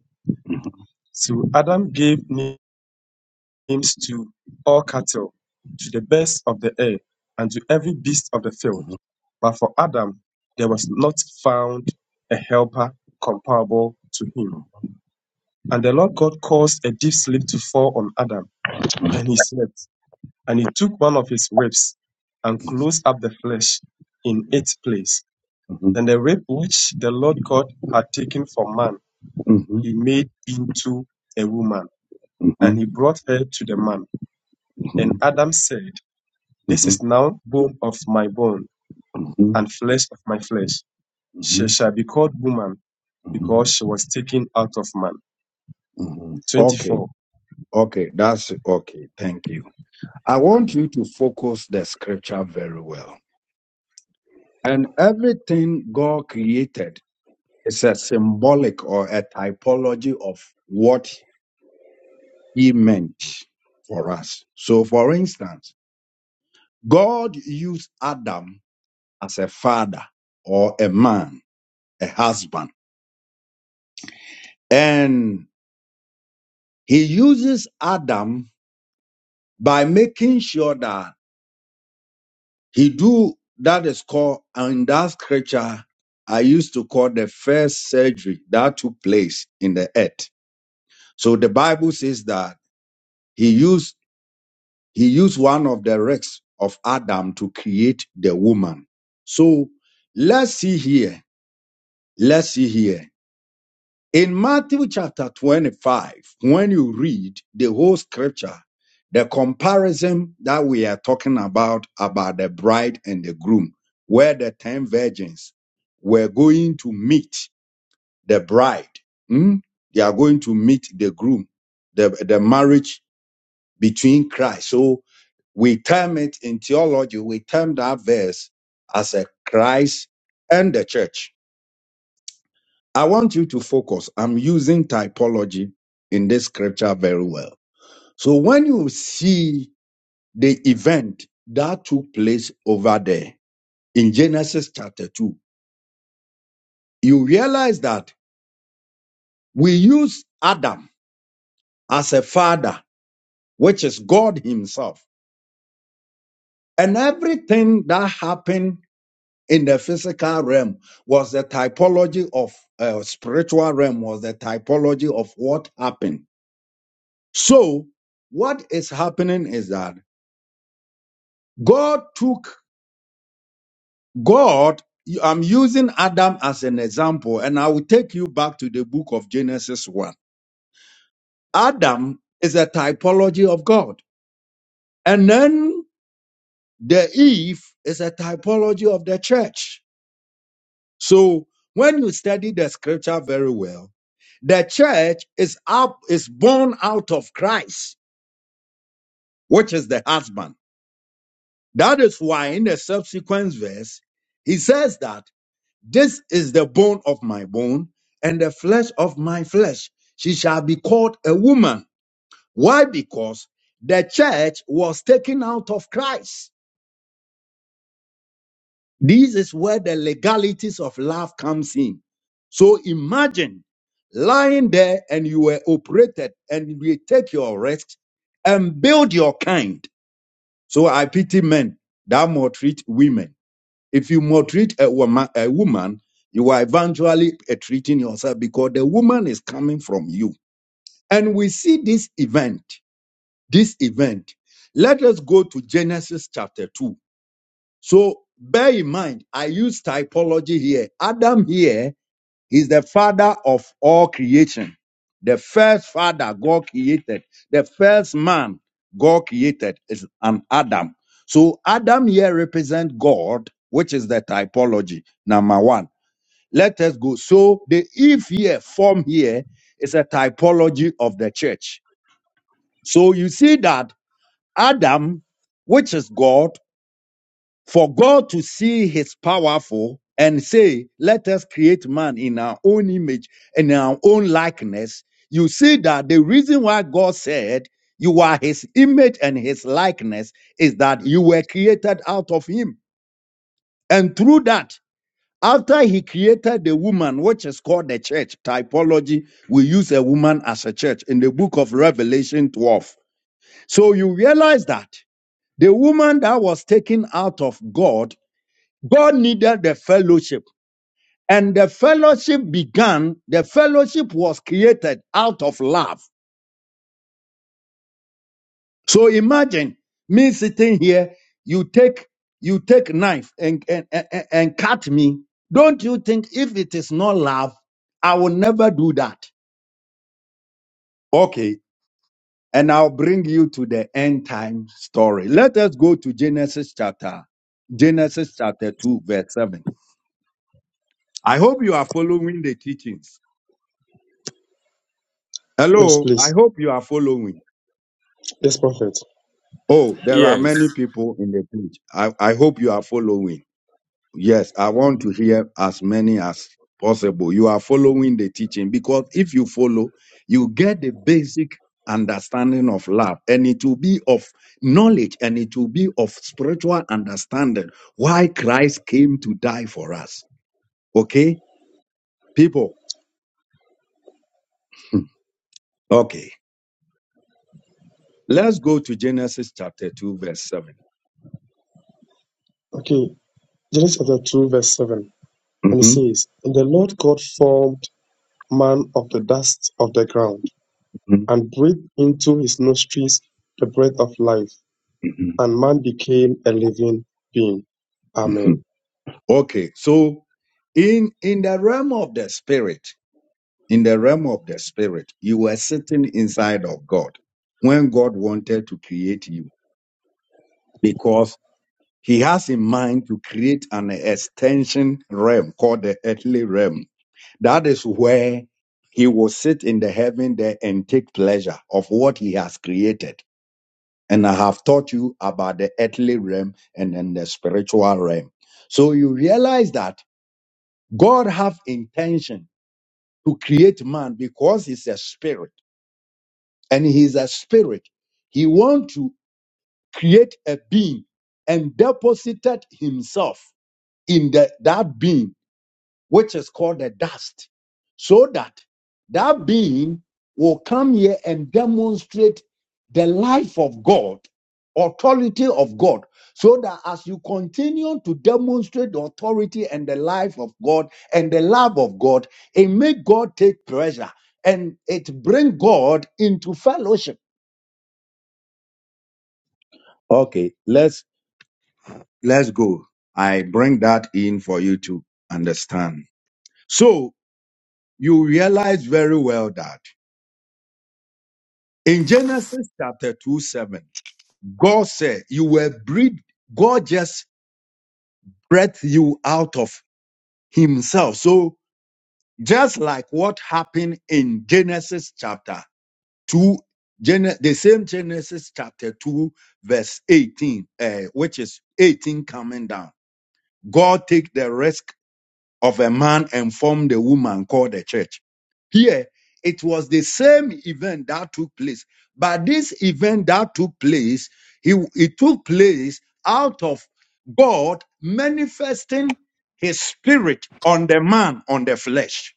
Speaker 2: So Adam gave name. names to all cattle, to the birds of the air, and to every beast of the field. But for Adam there was not found a helper comparable to him. And the Lord God caused a deep sleep to fall on Adam, and he slept. And he took one of his ribs and closed up the flesh in its place.
Speaker 1: mhm, mhm,
Speaker 2: Then the rib which the Lord God had taken from man,
Speaker 1: mhm,
Speaker 2: he made into a woman, and
Speaker 1: Mhm,
Speaker 2: he brought her to the man. And
Speaker 1: mhm,
Speaker 2: Adam said, This
Speaker 1: mhm,
Speaker 2: is now bone of my bone
Speaker 1: mhm,
Speaker 2: and flesh of my flesh. She
Speaker 1: mhm,
Speaker 2: shall be called woman
Speaker 1: mhm,
Speaker 2: because she was taken out of man.
Speaker 1: mhm. Okay,
Speaker 2: 24.
Speaker 1: okay, that's okay. Thank you. I want you to focus the scripture very well. And everything God created is a symbolic or a typology of what He meant for us. So, for instance, God used Adam as a father or a man, a husband, and He uses Adam by making sure that he do that is called and that scripture I used to call the first surgery that took place in the earth. So the Bible says that he used he used one of the rest of Adam to create the woman. So let's see here. Let's see here. In Matthew chapter 25, when you read the whole scripture, the comparison that we are talking about, about the bride and the groom, where the 10 virgins were going to meet the bride, hmm? they are going to meet the groom, the, the marriage between Christ. So we term it in theology, we term that verse as a Christ and the church. I want you to focus. I'm using typology in this scripture very well. So when you see the event that took place over there in Genesis chapter 2, you realize that we use Adam as a father, which is God himself. And everything that happened in the physical realm was the typology of uh, spiritual realm was the typology of what happened. So what is happening is that God took God. I'm using Adam as an example, and I will take you back to the book of Genesis 1. Adam is a typology of God, and then the Eve is a typology of the church. So when you study the scripture very well, the church is up is born out of Christ, which is the husband. That is why in the subsequent verse, he says that. This is the bone of my bone and the flesh of my flesh. She shall be called a woman. Why? Because the church was taken out of Christ. This is where the legalities of love comes in. So imagine lying there and you were operated and you take your rest and build your kind. So I pity men that maltreat women. If you maltreat a woman, a woman, you are eventually uh, treating yourself because the woman is coming from you. And we see this event, this event. Let us go to Genesis chapter 2. So bear in mind, I use typology here. Adam here He's the father of all creation. The first father God created, the first man God created is an Adam. So Adam here represents God, which is the typology, number one. Let us go. So the Eve here, form here, is a typology of the church. So you see that Adam, which is God, for God to see his powerful and say, let us create man in our own image and in our own likeness, you see that the reason why God said you are his image and his likeness is that you were created out of him. And through that, after he created the woman, which is called the church, typology, we use a woman as a church in the book of Revelation 12. So you realize that the woman that was taken out of God God needed the fellowship. And the fellowship began, the fellowship was created out of love. So imagine me sitting here, you take you take knife and, and, and, and cut me. Don't you think if it is not love, I will never do that? Okay. And I'll bring you to the end time story. Let us go to Genesis chapter, Genesis chapter 2, verse 7. I hope you are following the teachings.
Speaker 2: Yes,
Speaker 1: Hello, I
Speaker 2: please.
Speaker 1: hope you are following.
Speaker 2: Yes, prophet.
Speaker 1: Oh, there are
Speaker 6: Yes.
Speaker 1: many people in the church. I, I hope you are following. Yes, I want to hear as many as possible. You are following the teaching because if you follow, you get the basic understanding of love and it will be of knowledge and it will be of spiritual understanding why Christ came to die for us. Okay, people. Okay, let's go to Genesis chapter 2, verse 7.
Speaker 2: Okay. Genesis chapter 2, verse 7. And it
Speaker 1: Mhm,
Speaker 2: says, And the Lord God formed man of the dust of the ground,
Speaker 1: mhm,
Speaker 2: and breathed into his nostrils the breath of life,
Speaker 1: mhm,
Speaker 2: and man became a living being.
Speaker 1: mhm.
Speaker 2: Amen.
Speaker 1: Okay, so in in the realm of the spirit, in the realm of the spirit, you were sitting inside of God when God wanted to create you because he has in mind to create an extension realm called the earthly realm. That is where he will sit in the heaven there and take pleasure of what he has created. And I have taught you about the earthly realm and then the spiritual realm. So you realize that God have intention to create man because he's a spirit and he's a spirit. He wants to create a being and deposited himself in the, that being which is called the dust, so that that being will come here and demonstrate the life of God, authority of God, so that as you continue to demonstrate the authority and the life of God and the love of God, it make God take pleasure and it bring God into fellowship. Okay, let's let's go. I bring that in for you to understand. So you realize very well that. In Genesis chapter 2 7, God said, You were breathed, God just breathed you out of Himself. So, just like what happened in Genesis chapter 2, Gen- the same Genesis chapter 2, verse 18, eh, which is 18 coming down, God take the risk of a man and formed a woman called the church. Here, it was the same event that took place, but this event that took place, he- it took place out of God manifesting his spirit on the man, on the flesh.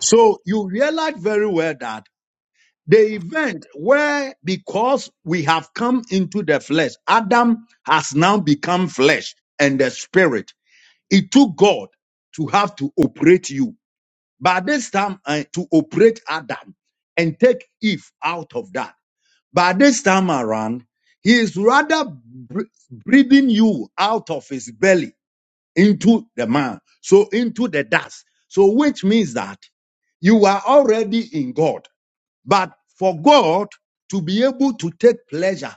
Speaker 1: So you realize very well that the event where, because we have come into the flesh, Adam has now become flesh and the spirit. It took God to have to operate you. By this time, uh, to operate Adam and take Eve out of that. By this time around, he is rather br- breathing you out of his belly into the man, so into the dust. So, which means that you are already in God. But for God to be able to take pleasure,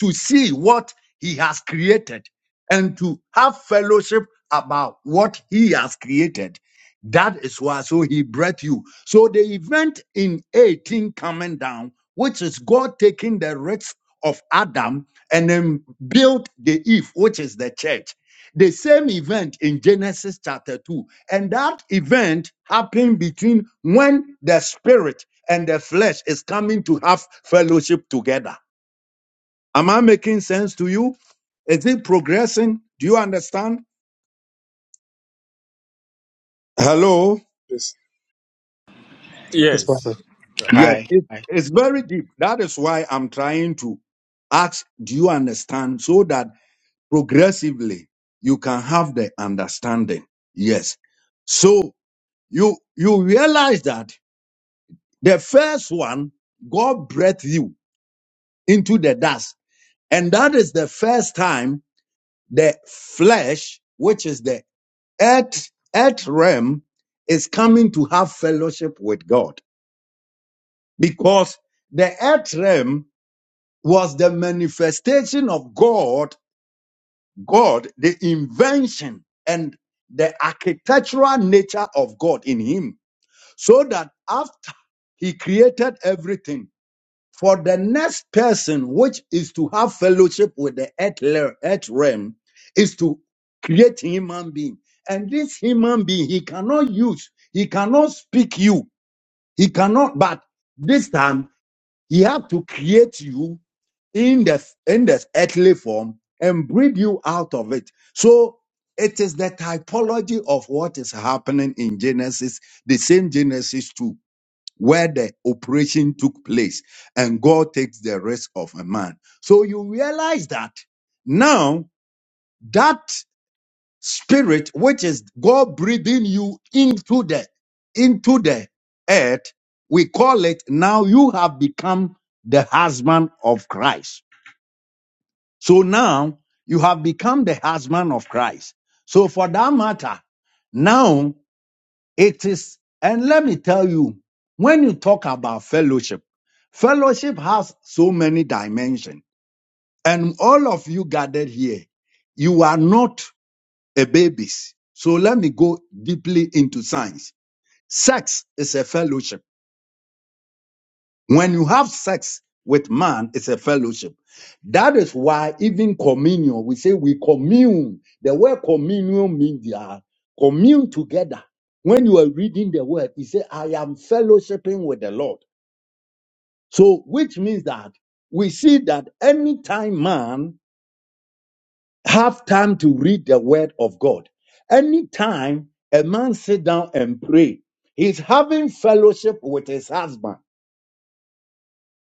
Speaker 1: to see what he has created, and to have fellowship about what he has created, that is why so he brought you. So the event in 18 coming down, which is God taking the rest of Adam and then built the Eve, which is the church. The same event in Genesis chapter 2. And that event happened between when the spirit and the flesh is coming to have fellowship together. Am I making sense to you? Is it progressing? Do you understand? Hello?
Speaker 2: Yes. Yes,
Speaker 6: Yes.
Speaker 2: prophet.
Speaker 6: Yeah.
Speaker 1: Yes,
Speaker 7: Hi.
Speaker 1: it-
Speaker 7: Hi.
Speaker 1: it's very deep. That is why I'm trying to ask, do you understand? So that progressively you can have the understanding. Yes. So you, you realize that the first one, God breathed you into the dust. And that is the first time the flesh, which is the earth, earth realm, is coming to have fellowship with God because the earth realm was the manifestation of God, God, the invention and the architectural nature of God in Him. So that after He created everything, For the next person, which is to have fellowship with the earth, le- earth realm, is to create human being. And this human being, he cannot use, he cannot speak you, he cannot, but this time he have to create you in the in the earthly form and breathe you out of it. So it is the typology of what is happening in Genesis, the same Genesis 2 where the operation took place and God takes the rest of a man. So you realize that now that spirit, which is God breathing you into the, into the earth, we call it now you have become the husband of Christ. So now you have become the husband of Christ. So for that matter, now. It is, and let me tell you, when you talk about fellowship, fellowship has so many dimensions. And all of you gathered here, you are not a babies. So let me go deeply into science. Sex is a fellowship. When you have sex with man, it's a fellowship. That is why even communion, we say we commune. The word communion means they are commune together. When you are reading the word, you say, I am fellowshipping with the Lord. So, which means that we see that anytime man have time to read the word of God, anytime a man sit down and pray, he's having fellowship with his husband.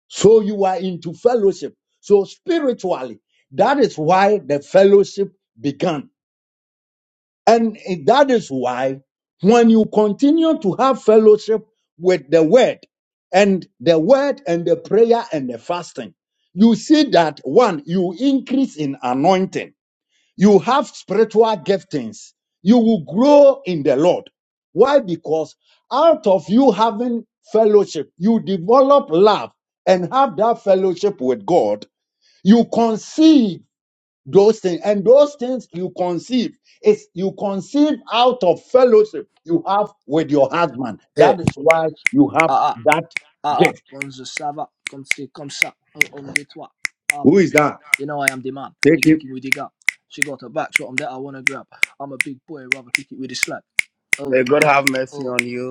Speaker 1: So you are into fellowship. So spiritually, that is why the fellowship began. And that is why when you continue to have fellowship with the word and the word and the prayer and the fasting, you see that one, you increase in anointing you have spiritual giftings. You will grow in the Lord. Why? Because out of you having fellowship, you develop love and have that fellowship with God. You conceive those things, and those things you conceive is you conceive out of fellowship you have with your husband.
Speaker 8: Eh,
Speaker 1: That is why you have
Speaker 8: ah, ah,
Speaker 1: that
Speaker 8: ah, ah,
Speaker 1: gift.
Speaker 8: on the Sava, comme c'est comme ça, on on nettoie. Ah,
Speaker 1: Who is
Speaker 8: VPN,
Speaker 1: that?
Speaker 8: you know I am the man,
Speaker 1: Take
Speaker 8: you
Speaker 1: it.
Speaker 8: kicking with the gap. She got her back, so I'm there, I wanna grab. I'm a big boy, rather kick it with the slack. Oh,
Speaker 7: May God have mercy
Speaker 8: oh,
Speaker 7: on you.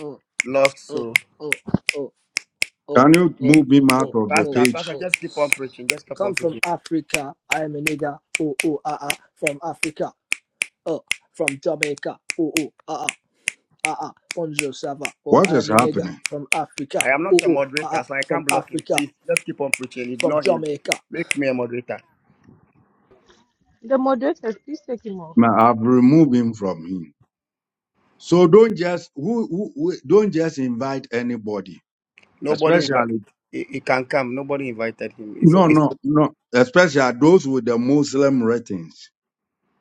Speaker 8: oh,
Speaker 7: Lost
Speaker 8: oh,
Speaker 7: soul.
Speaker 8: oh, oh, oh,
Speaker 1: Can you
Speaker 8: oh,
Speaker 1: move him out
Speaker 8: oh,
Speaker 1: of the
Speaker 8: oh,
Speaker 7: Pastor,
Speaker 1: page?
Speaker 7: Pastor,
Speaker 8: oh.
Speaker 7: just keep on preaching. Just keep
Speaker 8: Come
Speaker 7: on
Speaker 8: from
Speaker 7: preaching.
Speaker 8: Africa, I am a nigga, oh, oh, ah, ah, from Africa, oh, from Jamaica, oh, oh, ah, ah. Ah ah, bonjour, ça va. Oh,
Speaker 1: What
Speaker 8: I
Speaker 1: is
Speaker 8: am a nigga
Speaker 1: happening?
Speaker 8: from Africa.
Speaker 7: I am
Speaker 8: Oh
Speaker 7: not a
Speaker 8: oh, ah
Speaker 7: moderator,
Speaker 8: ah,
Speaker 7: so I
Speaker 8: from
Speaker 7: can't block him.
Speaker 8: Africa.
Speaker 7: Please, just keep on preaching.
Speaker 8: from
Speaker 7: Ignore him.
Speaker 8: Jamaica.
Speaker 7: Make me a moderator.
Speaker 9: The moderator, please take him off.
Speaker 1: Ma- I've removed him from him. So don't just who, who, who- don't just invite anybody,
Speaker 7: Nobody invited.
Speaker 1: especially
Speaker 7: He, he can come. Nobody invited him. It's,
Speaker 1: no
Speaker 7: it's,
Speaker 1: no no, especially those with the Muslim ratings.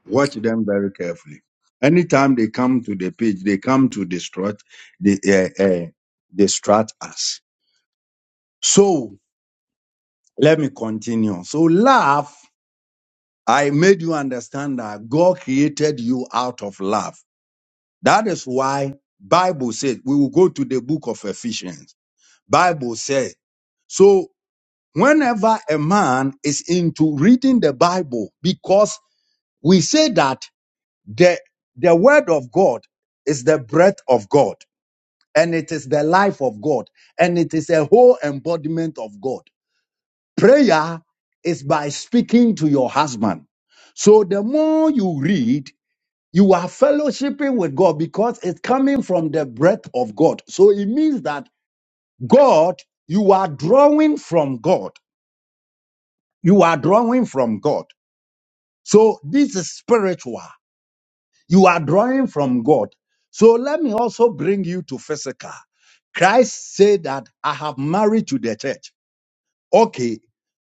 Speaker 1: Watch them very carefully. Anytime they come to the page, they come to distract, they, uh, uh, distract us. So let me continue. So love, I made you understand that God created you out of love. That is why Bible says we will go to the book of Ephesians. Bible says. So Whenever a man is into reading the Bible, because we say that the, the word of God is the breath of God, and it is the life of God, and it is a whole embodiment of God. Prayer is by speaking to your husband. So the more you read, you are fellowshipping with God because it's coming from the breath of God. So it means that God, you are drawing from God. You are drawing from God. So this is spiritual. You are drawing from God. So let me also bring you to physical. Christ said that I have married to the church. Okay.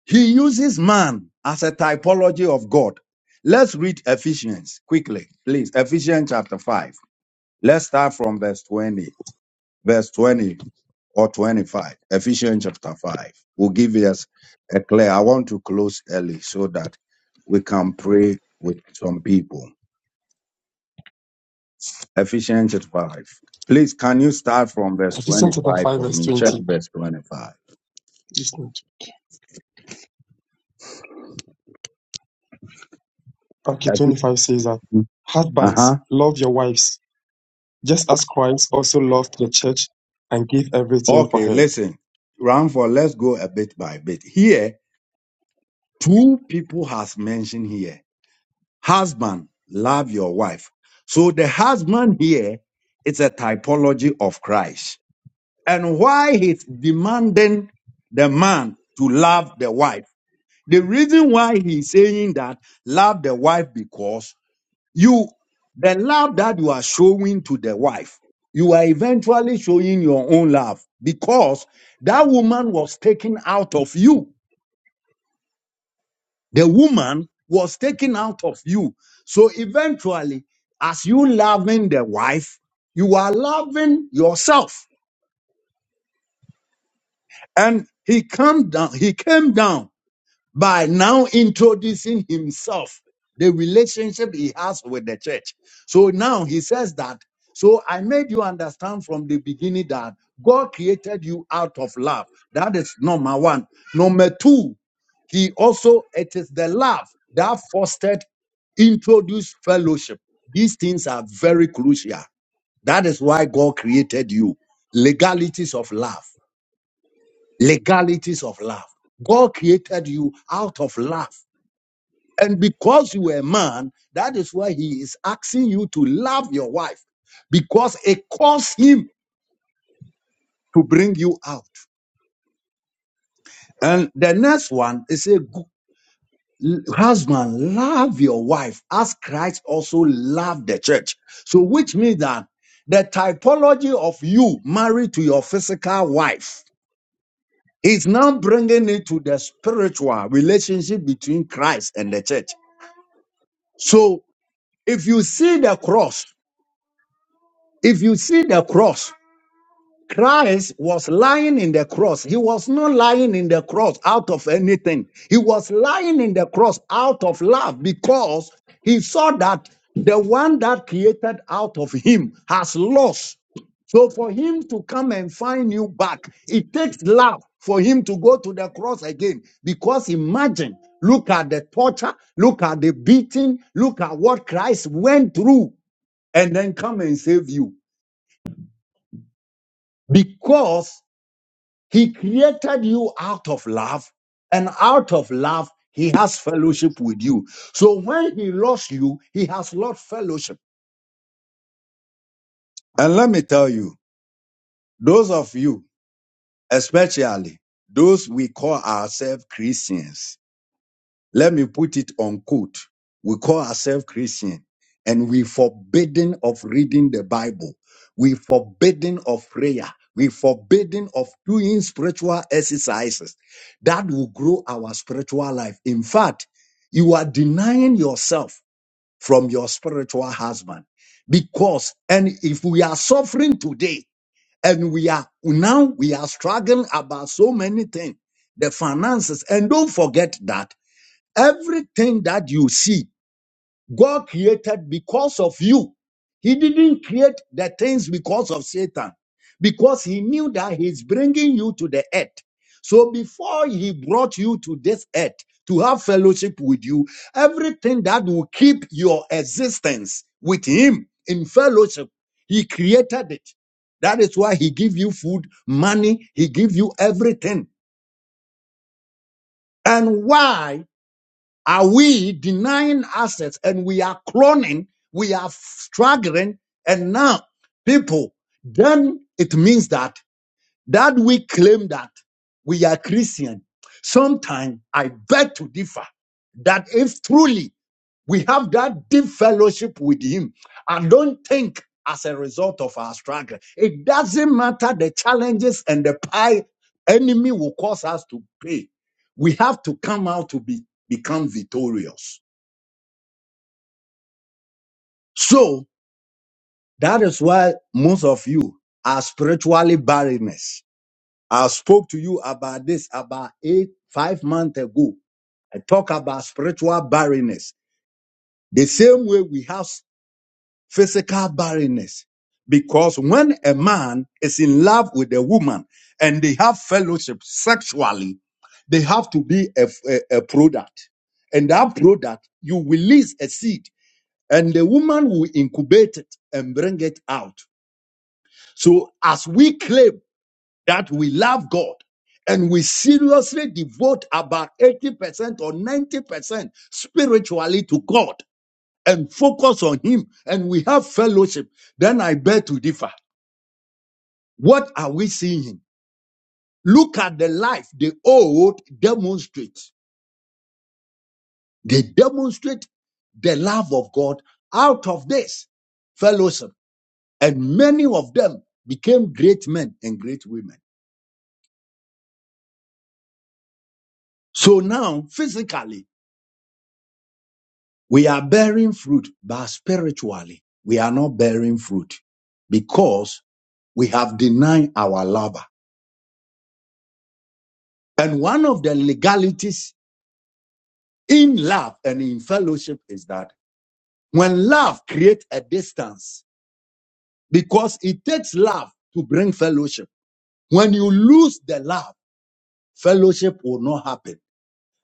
Speaker 1: He uses man as a typology of God. Let's read Ephesians quickly, please. Ephesians chapter 5. Let's start from verse 20, verse 20 or 25. Ephesians chapter 5 will give us a clear. I want to close early so that we can pray with some people. Ephesians chapter 5. Please, can you start from verse
Speaker 2: Ephesians chapter
Speaker 1: 25
Speaker 2: 5,
Speaker 1: for
Speaker 2: verse
Speaker 1: me? Check
Speaker 2: 20.
Speaker 1: verse 25.
Speaker 2: Yes, Lord. Okay, 25 says that
Speaker 1: Uh
Speaker 2: husbands,
Speaker 1: huh.
Speaker 2: love your wives, just as Christ also loved the church and gave everything for
Speaker 1: Okay,
Speaker 2: her.
Speaker 1: listen. Ramford, let's go a bit by bit. Here, two people has mentioned here. Husband, love your wife. So the husband here is a typology of Christ. And why he's demanding the man to love the wife? The reason why he's saying that love the wife because You, the love that you are showing to the wife, you are eventually showing your own love because that woman was taken out of you. The woman was taken out of you. So eventually, as you loving the wife, you are loving yourself. And he come down, he came down by now introducing himself, the relationship he has with the church. So now he says that. So I made you understand from the beginning that God created you out of love. That is number one. Number two, he also, it is the love that fostered, introduced fellowship. These things are very crucial. That is why God created you. Legalities of love. Legalities of love. God created you out of love. And because you are a man, that is why he is asking you to love your wife because it caused him to bring you out. And the next one is a husband, love your wife as Christ also loved the church. So, which means that the typology of you married to your physical wife is now bringing it to the spiritual relationship between Christ and the church. So, if you see the cross, if you see the cross, Christ was lying in the cross. He was not lying in the cross out of anything. He was lying in the cross out of love because he saw that the one that created out of him has lost. So for him to come and find you back, it takes love for him to go to the cross again. Because imagine, look at the torture, look at the beating, look at what Christ went through and then come and save you Because. He created you out of love, and out of love, he has fellowship with you. So when he lost you, he has lost fellowship. And let me tell you, those of you, especially those we call ourselves Christians, Let me put it on quote. We call ourselves Christian and we forbidden of reading the Bible. We forbidden of prayer. We forbidden of doing spiritual exercises that will grow our spiritual life. In fact, you are denying yourself from your spiritual husband because, and if we are suffering today and we are now we are struggling about so many things, the finances, and don't forget that. Everything that you see, God created because of you. He didn't create the things because of Satan, because he knew that he's bringing you to the earth. So before he brought you to this earth to have fellowship with you, everything that will keep your existence with him in fellowship, he created it. That is why he give you food, money, he give you everything. And why? Are we denying assets and we are cloning, we are struggling, and now people, then it means that that we claim that we are Christian. Sometimes I beg to differ that if truly we have that deep fellowship with Him. I don't think as a result of our struggle, it doesn't matter the challenges and the pie enemy will cause us to pay. We have to come out to be, become victorious. So that is why most of you are spiritually barrenness. I spoke to you about this about eight, five months ago. I talk about spiritual barrenness. The same way we have physical barrenness. Because when a man is in love with a woman and they have fellowship sexually, they have to be a, a, a product. And that product, you release a seed and the woman will incubate it and bring it out. So as we claim that we love God and we seriously devote about 80% or 90% spiritually to God, and focus on him and we have fellowship, then I bear to differ. What are we seeing? Look at the life the old demonstrate. They demonstrate the love of God out of this fellowship. And many of them became great men and great women. So now, physically, we are bearing fruit, but spiritually, we are not bearing fruit because we have denied our lover. And one of the legalities in love and in fellowship is that when love creates a distance because it takes love to bring fellowship when you lose the love fellowship will not happen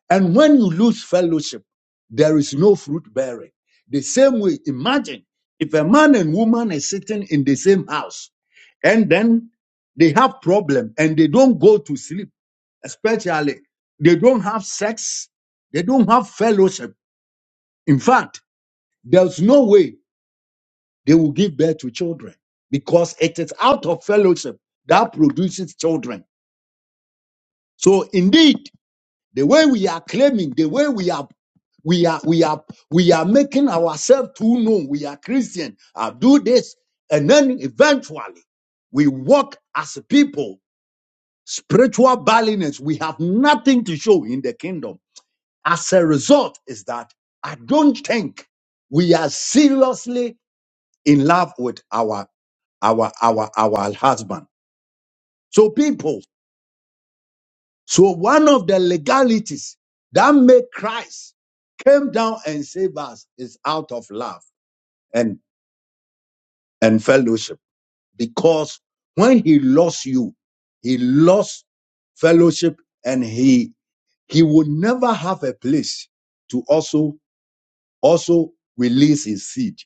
Speaker 1: and when you lose fellowship there is no fruit bearing the same way imagine if a man and woman is sitting in the same house and then they have problem and they don't go to sleep especially they don't have sex they don't have fellowship in fact there's no way They will give birth to children because it is out of fellowship that produces children. So indeed, the way we are claiming, the way we are we are we are we are making ourselves too known. We are Christian. I do this, and then eventually we walk as a people, spiritual barrenness. We have nothing to show in the kingdom. As a result, is that I don't think we are seriously in love with our our our our husband. So people, so one of the legalities that made Christ came down and saved us is out of love and and fellowship because when he lost you, he lost fellowship and he he would never have a place to also also release his seed,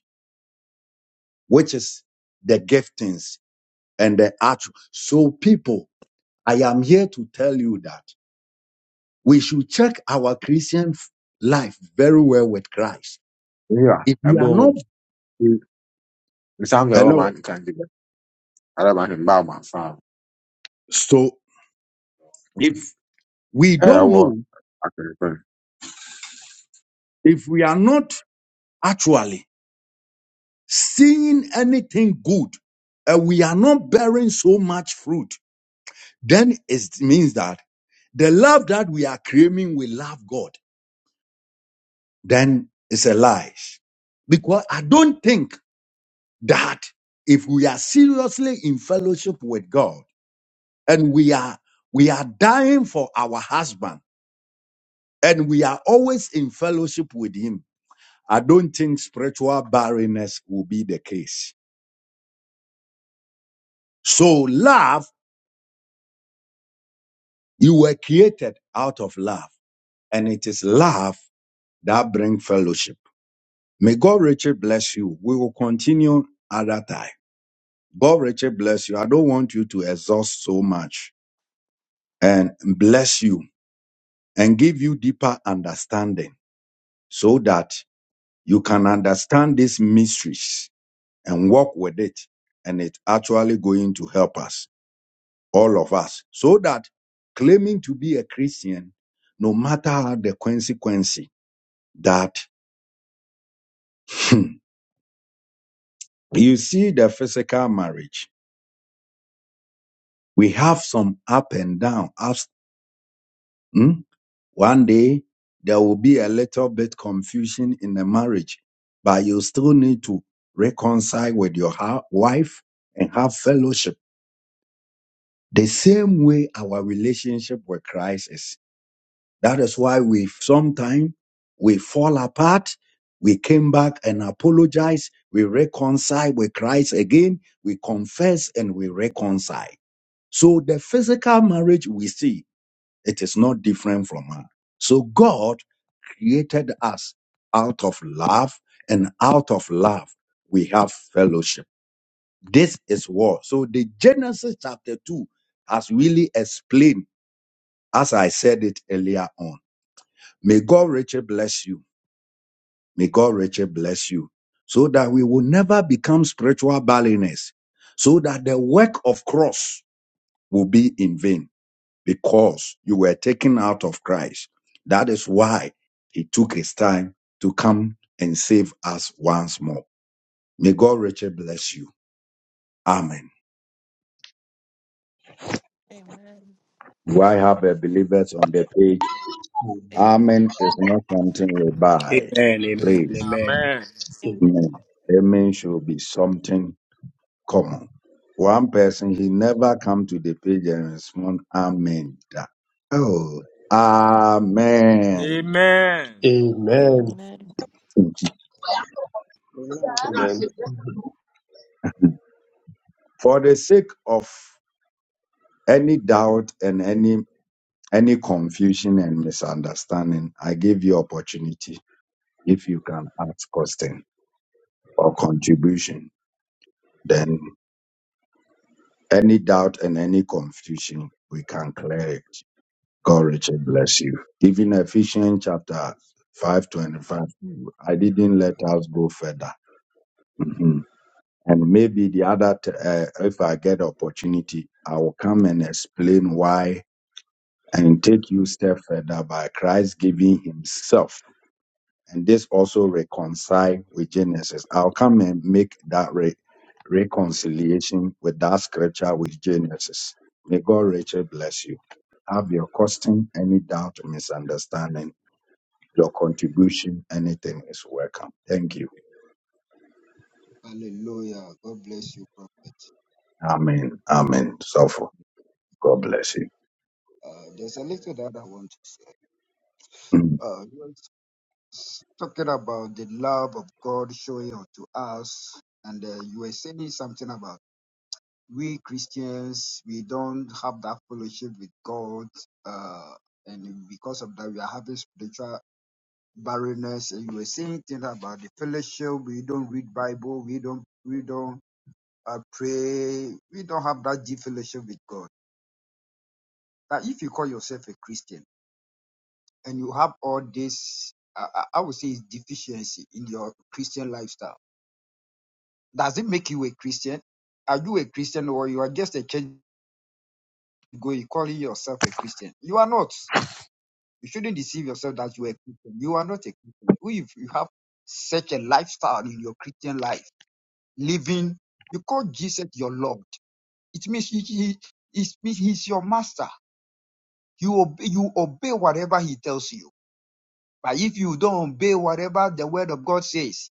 Speaker 1: which is the giftings and the actual. So people I am here to tell you that we should check our Christian f- life very well with Christ.
Speaker 10: Yeah,
Speaker 1: If we are
Speaker 10: ɛbom
Speaker 1: not,
Speaker 10: nsa mfɛɛ wɔ
Speaker 1: hello,
Speaker 10: m'akeka nti bɛ ada ma ahwɛ mbaa mo afa
Speaker 1: so if we
Speaker 10: a
Speaker 1: don't
Speaker 10: ɛwɔ
Speaker 1: know,
Speaker 10: akwɛnkwɛn
Speaker 1: if we are not actually seeing anything good, and we are not bearing so much fruit, then it means that the love that we are claiming we love God, then it's a lie. Because I don't think that if we are seriously in fellowship with God. and we are we are dying for our husband and we are always in fellowship with him i don't think spiritual barrenness will be the case so love you were created out of love and it is love that brings fellowship may god richard bless you we will continue other time god richard bless you i don't want you to exhaust so much and bless you and give you deeper understanding so that you can understand these mysteries and work with it and it's actually going to help us all of us so that claiming to be a christian no matter how the consequence that hmm, you see the physical marriage we have some up and down ups hmm? one day there will be a little bit confusion in the marriage but you still need to reconcile with your ha- wife and have fellowship The same way our relationship with Christ is. That is why we sometimes we fall apart. We came back and apologize. We reconcile with Christ again. We confess and we reconcile. So the physical marriage we see, it is not different from us. So God created us out of love and out of love we have fellowship. This is war. So the Genesis chapter 2 has really explained as I said it earlier on. May God richly bless you. May God richly bless you so that we will never become spiritual barrenness, so that the work of cross will be in vain because you were taken out of Christ. That is why he took his time to come and save us once more. May God richly bless you. Amen.
Speaker 11: Amen.
Speaker 1: Do I have a believers on the page?
Speaker 11: Amen.
Speaker 1: Amen is not something we buy.
Speaker 7: amen. Amen.
Speaker 1: Please.
Speaker 7: Amen.
Speaker 6: Amen.
Speaker 2: Amen.
Speaker 11: Amen.
Speaker 1: Amen. Amen should be something common. One person, he never come to the page and respond, Amen. That- Oh, Amen.
Speaker 6: Amen.
Speaker 2: Amen.
Speaker 11: Amen.
Speaker 12: Amen.
Speaker 13: I
Speaker 2: Amen.
Speaker 1: For the sake of any doubt and any any confusion and misunderstanding, I give you opportunity. If you can ask question or contribution, then any doubt and any confusion, we can clear it. God richly bless you. Even Ephesians chapter 5:25, I didn't let us go further. Mhm. And maybe the other, t- uh, if I get opportunity, I will come and explain why and take you step further by Christ giving Himself. And this also reconcile with Genesis. I'll come and make that re- reconciliation with that scripture with Genesis. May God richly bless you have your question, any doubt misunderstanding. Your contribution, anything is welcome. Thank you.
Speaker 4: Hallelujah. God bless you, Prophet.
Speaker 1: Amen. Amen. So for God bless you.
Speaker 4: Uh, there's a little that I want
Speaker 1: Mm.
Speaker 4: to uh, you were talking about the love of God showing up to us, and uh, you were saying something about we Christians we don't have that fellowship with God, uh, and because of that we are having spiritual barrenness. And you were saying things about the fellowship. We don't read Bible. We don't we don't uh, pray. We don't have that deep fellowship with God. That if you call yourself a Christian and you have all this, I, I would say, deficiency in your Christian lifestyle, does it make you a Christian? Are you a Christian or you are just a church goer calling yourself a Christian? You are not. You shouldn't deceive yourself that you are a Christian. You are not a Christian. If you have such a lifestyle in your Christian life, living, you call Jesus your Lord. It means he, he, it means he's your master. You obey, you obey whatever he tells you But if you don't obey whatever the word of God says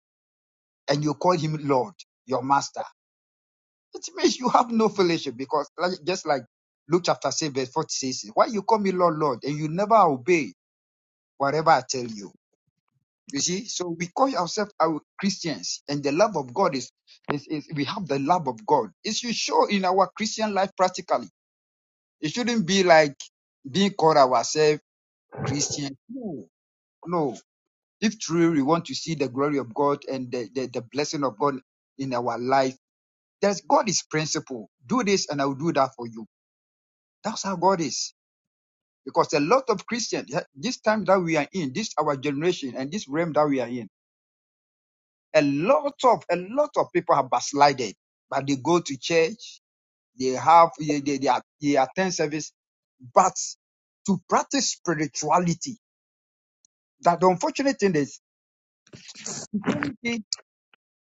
Speaker 4: and you call him Lord, your master, it means you have no fellowship because like- just like Luke chapter 6 verse 46, why you call me Lord, Lord, and you never obey whatever I tell you? You see, so we call ourselves our Christians and the love of God is, is, is we have the love of God. It should show in our Christian life practically. It shouldn't be like being called ourselves Christian. No, no. If truly we want to see the glory of God and the, the, the blessing of God in our life, there's God is principle. Do this and I will do that for you. That's how God is. Because a lot of Christians, eh, this time that we are in, this our generation and this realm that we are in, a lot of a lot of people have backslided, but they go to church, they have they, they, they, are- they attend service, but to practice spirituality. That the unfortunate thing is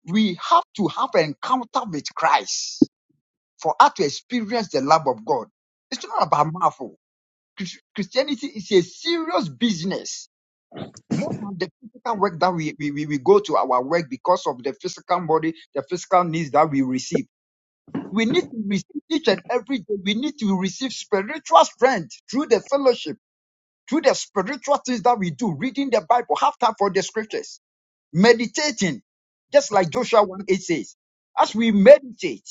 Speaker 4: we have to have an encounter with Christ for us to experience the love of God. It's not about mouthful. Chris- Christianity is a serious business. More than the physical work that we, we, we we go to our work because of the physical body, the physical needs that we receive. We need to receive each and every day. We need to receive spiritual strength through the fellowship, through the spiritual things that we do, reading the Bible, have time for the scriptures meditating, just like Joshua 1 8 says, as we meditate,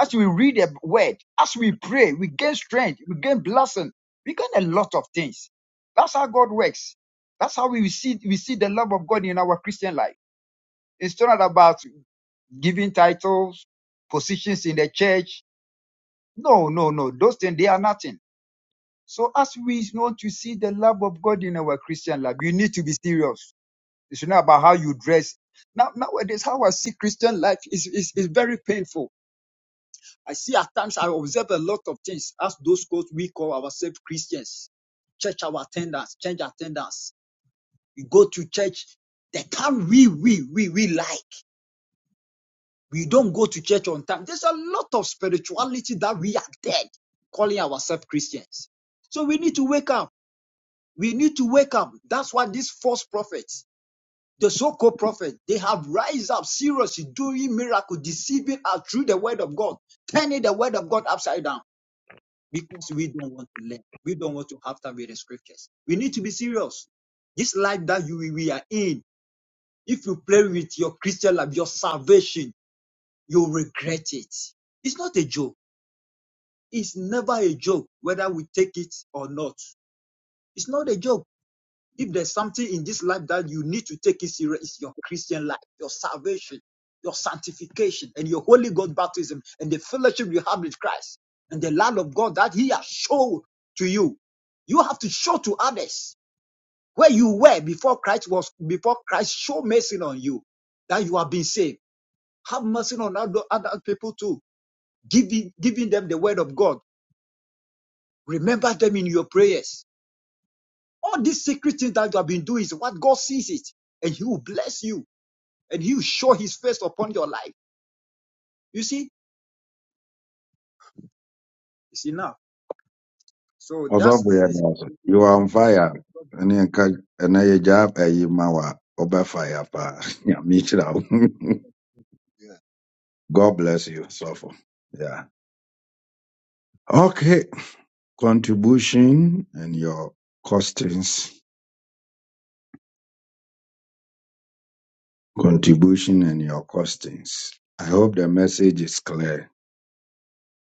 Speaker 4: as we read the word, as we pray, we gain strength, we gain blessing, we gain a lot of things. That's how God works. That's how we see we see the love of God in our Christian life. It's not about giving titles, positions in the church. No, no, no. Those things they are nothing. So as we want to see the love of God in our Christian life, you need to be serious. It should not about how you dress. Now, nowadays, how I see Christian life is, is, is very painful. I see at times I observe a lot of things. As those quotes we call ourselves Christians, church our attendance, change attendance. You go to church, the time we we we we like. We don't go to church on time. There's a lot of spirituality that we are dead, calling ourselves Christians. So we need to wake up. We need to wake up. That's why these false prophets the so-called prophet, they have rise up seriously, doing miracle, deceiving us through the word of God, turning the word of God upside down because we don't want to learn. We don't want to have time with the scriptures. We need to be serious. This life that you we are in, if you play with your Christian life, your salvation, you'll regret it. It's not a joke. It's never a joke, whether we take it or not. It's not a joke. If there's something in this life that you need to take it serious, it's your Christian life, your salvation, your sanctification, and your Holy God baptism, and the fellowship you have with Christ, and the love of God that He has shown to you. You have to show to others where you were before Christ was before Christ show mercy on you that you have been saved. Have mercy on other, other people too, giving giving them the word of God. Remember them in your prayers. All these secret things that you have been doing is what God sees it, and He will bless you. and he will show his face upon your life. You see, it's enough. So
Speaker 1: Also,
Speaker 4: that's
Speaker 1: we
Speaker 4: this
Speaker 1: are
Speaker 4: is the
Speaker 1: also- you are on fire. And then ka- and then you job, eh, you mawa, over fire, pa. Yeah, me too. God bless you. So for Yeah. Okay. Contribution and your costings. Contribution and your costings. I hope the message is clear.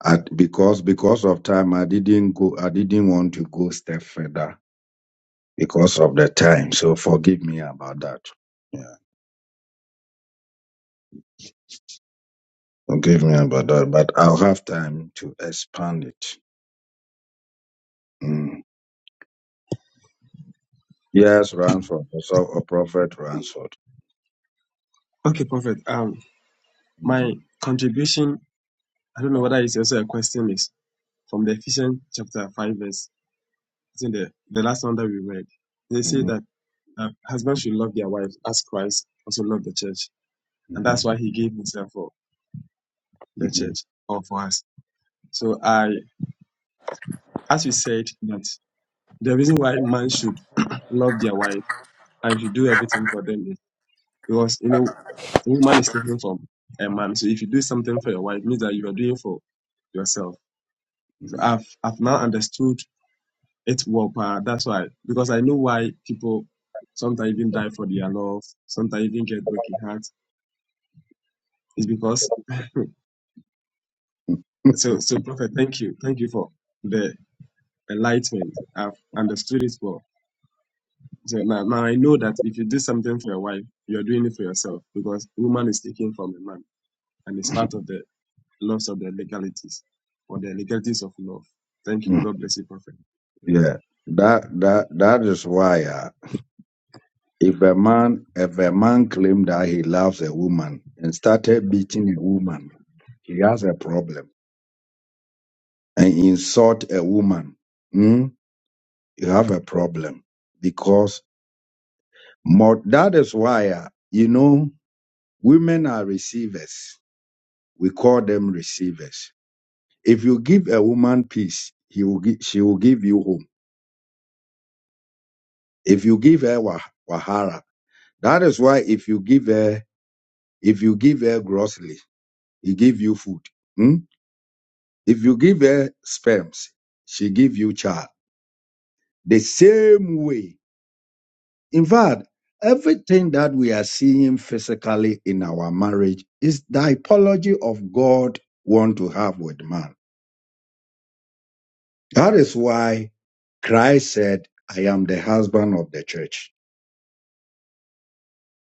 Speaker 1: I, because because of time, I didn't go. I didn't want to go step further because of the time. So forgive me about that. Yeah, forgive me about that. But I'll have time to expand it. Mm. Yes, Ransford. Also, a prophet Ransford.
Speaker 2: Okay, Prophet. Um, my
Speaker 1: hmm
Speaker 2: contribution, I don't know whether it's also a question, is from the Ephesians chapter 5, verse, it's in the, the last one that we read. They say
Speaker 1: hmm
Speaker 2: that uh, husbands should love their wives as Christ also loved the church. And that's why he gave himself for the
Speaker 1: hmm
Speaker 2: church or for us. So I, as you said, that The reason why man should love their wife and should do everything for them is because you know woman is different from a man. So if you do something for your wife, it means that you are doing for yourself. So I've I've now understood it well. pa. That's why because I know why people sometimes even die for their love, sometimes even get broken hearts. It's because so so prophet. Thank you, thank you for the enlightenment. I've understood it well. So now, now I know that if you do something for your wife, you're doing it for yourself because woman is taken from a man and it's part of the laws of the legalities or the legalities of love. Thank
Speaker 1: hmm
Speaker 2: you. God bless you, Prophet.
Speaker 1: yeah, that that that is why. Uh, if a man if a man claimed that he loves a woman and started beating a woman, he has a problem and insult a woman, mm, you have a problem because more, that is why, uh, you know, women are receivers. We call them receivers. If you give a woman peace, he will gi- she will give you home. If you give her wa- wahara, that is why if you give her, if you give her grossly, he give you food. mm. If you give her sperms, she give you child. The same way In fact, everything that we are seeing physically in our marriage is the typology of God want to have with man. That is why Christ said, I am the husband of the church.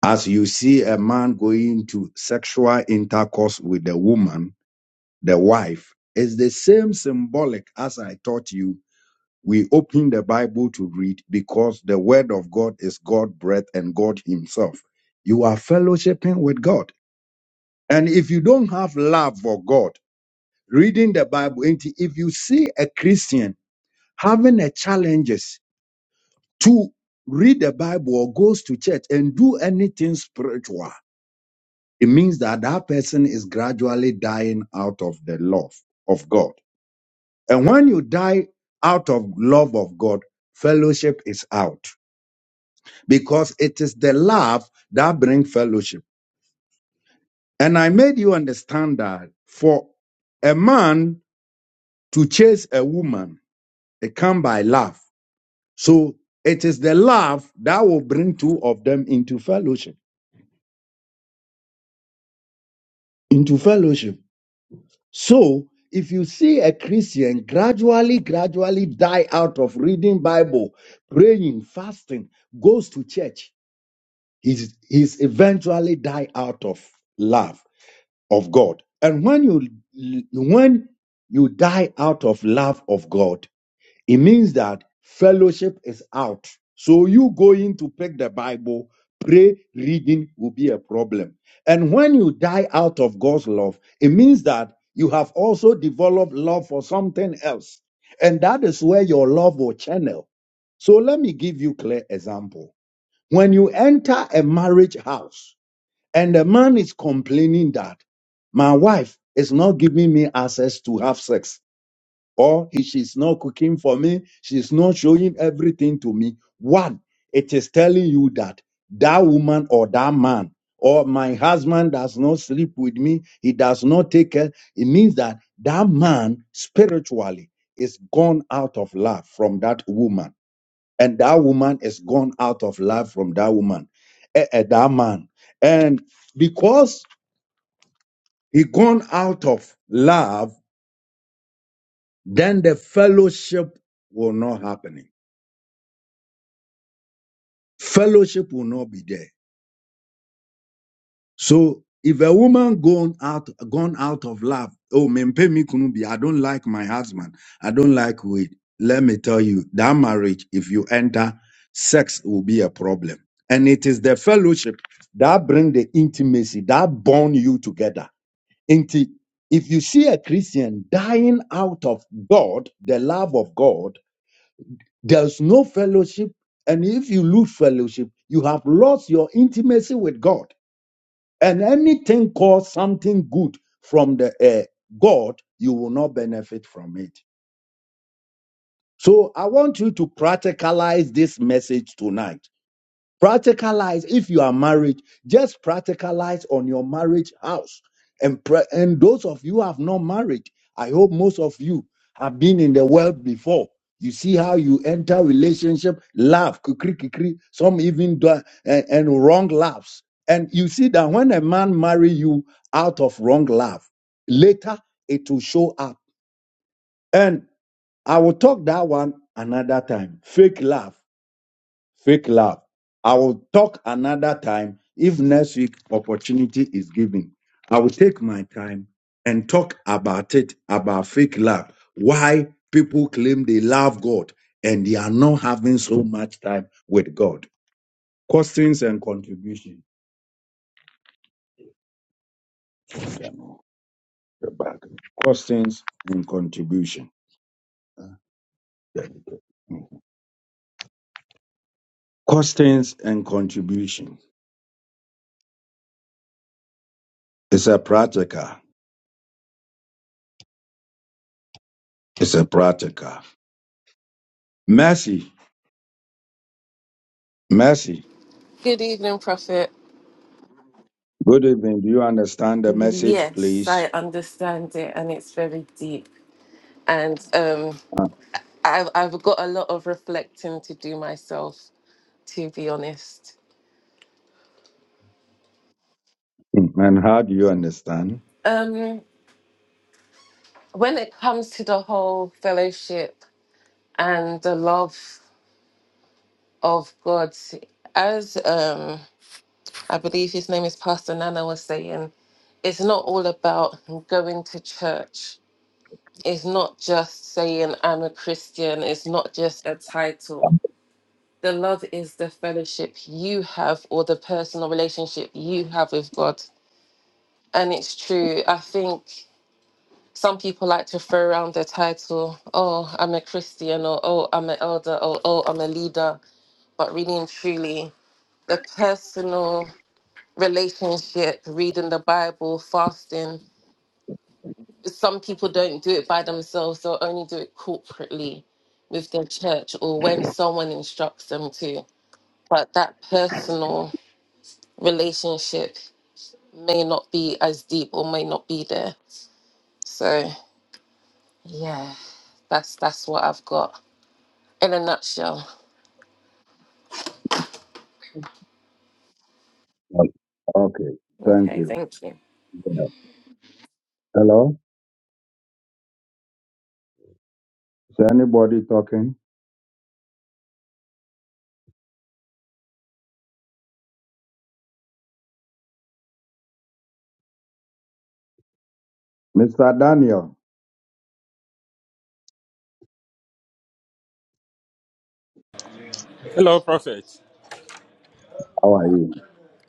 Speaker 1: As you see a man going to sexual intercourse with the woman, the wife, is the same symbolic as I taught you. We open the Bible to read because the word of God is God breath and God himself. You are fellowshipping with God. And if you don't have love for God, reading the Bible, and if you see a Christian having a challenges to read the Bible or goes to church and do anything spiritual, it means that that person is gradually dying out of the love of God. And when you die out of love of God, fellowship is out because it is the love that brings fellowship. And I made you understand that for a man to chase a woman, It comes by love. So it is the love that will bring two of them into fellowship. Into fellowship. So if you see a Christian gradually, gradually die out of reading Bible, praying, fasting, goes to church, he's, he's eventually die out of love of God. And when you when you die out of love of God, It means that fellowship is out. So you going to pick the Bible, pray, reading will be a problem. And when you die out of God's love, it means that you have also developed love for something else. And that is where your love will channel. So let me give you clear example. When you enter a marriage house and the man is complaining that my wife is not giving me access to have sex, or he, she's not cooking for me, she's not showing everything to me. One, it is telling you that that woman or that man or my husband does not sleep with me, he does not take care. It means that that man spiritually is gone out of love from that woman, and that woman is gone out of love from that woman, eh, eh, that man. And because he gone out of love, then the fellowship will not happen fellowship will not be there. So if a woman gone out gone out of love, oh mempe me kunu bi, I don't like my husband, I don't like weed. Let me tell you, that marriage, if you enter, sex will be a problem. And it is the fellowship that bring the intimacy, that bond you together. Inti- if you see a Christian dying out of God, the love of God, there's no fellowship. And if you lose fellowship, you have lost your intimacy with God. And anything called something good from the uh, God, you will not benefit from it. So I want you to practicalize this message tonight Practicalize if you are married, just practicalize on your marriage house. And pra- and those of you who have not married, I hope most of you have been in the world before. You see how you enter relationship, laugh, kikri kikri, some even do, and, and wrong laughs. And you see that when a man marry you out of wrong laugh, later it will show up. And I will talk that one another time. Fake laugh. Fake love. I will talk another time if next week opportunity is given. I will take my time and talk about it, about fake love. Why people claim they love God and they are not having so much time with God. Questions and contribution. You're back. Questions and contribution. Questions and contribution. It's a practical. It's a practical. Mercy. Mercy.
Speaker 11: Good evening, Prophet.
Speaker 1: Good evening. Do you understand the message,
Speaker 11: Yes,
Speaker 1: please?
Speaker 11: I understand it, and it's very deep. And um, I've I've got a lot of reflecting to do myself, to be honest.
Speaker 1: And how do you understand?
Speaker 11: Um, when it comes to the whole fellowship and the love of God, as um, I believe his name is Pastor Nana was saying, it's not all about going to church It's not just saying I'm a Christian, it's not just a title. The love is the fellowship you have or the personal relationship you have with God. And it's true. I think some people like to throw around the title, oh, I'm a Christian, or oh, I'm an elder, or oh, I'm a leader. But really and truly, the personal relationship, reading the Bible, fasting, some people don't do it by themselves they'll only do it corporately with their church or when someone instructs them to but that personal relationship may not be as deep or may not be there so yeah that's that's what i've got in a nutshell
Speaker 1: Okay, thank
Speaker 11: okay
Speaker 1: you.
Speaker 11: thank you
Speaker 1: Yeah. Hello? Is anybody talking? Mr. Daniel,
Speaker 6: Hello, Prophet.
Speaker 1: how are you?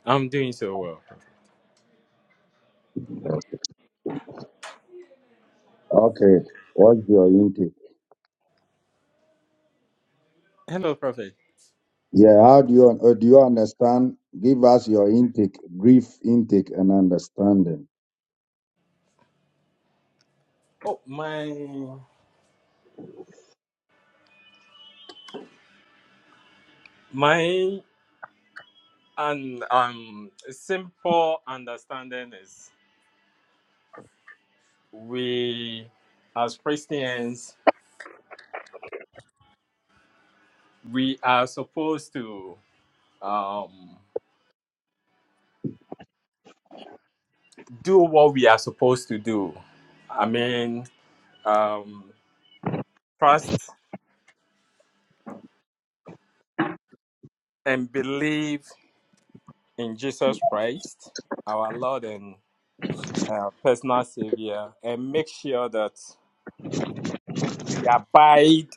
Speaker 6: I'm doing so well.
Speaker 1: Okay, what's your intake?
Speaker 6: Hello, Prophet.
Speaker 1: Yeah, how do you uh, do you understand? Give us your intake, brief intake and understanding.
Speaker 6: Oh, my my and um simple understanding is we as Christians we are supposed to um do what we are supposed to do. I mean um trust and believe in Jesus Christ, our Lord and uh, personal Savior, and make sure that we abide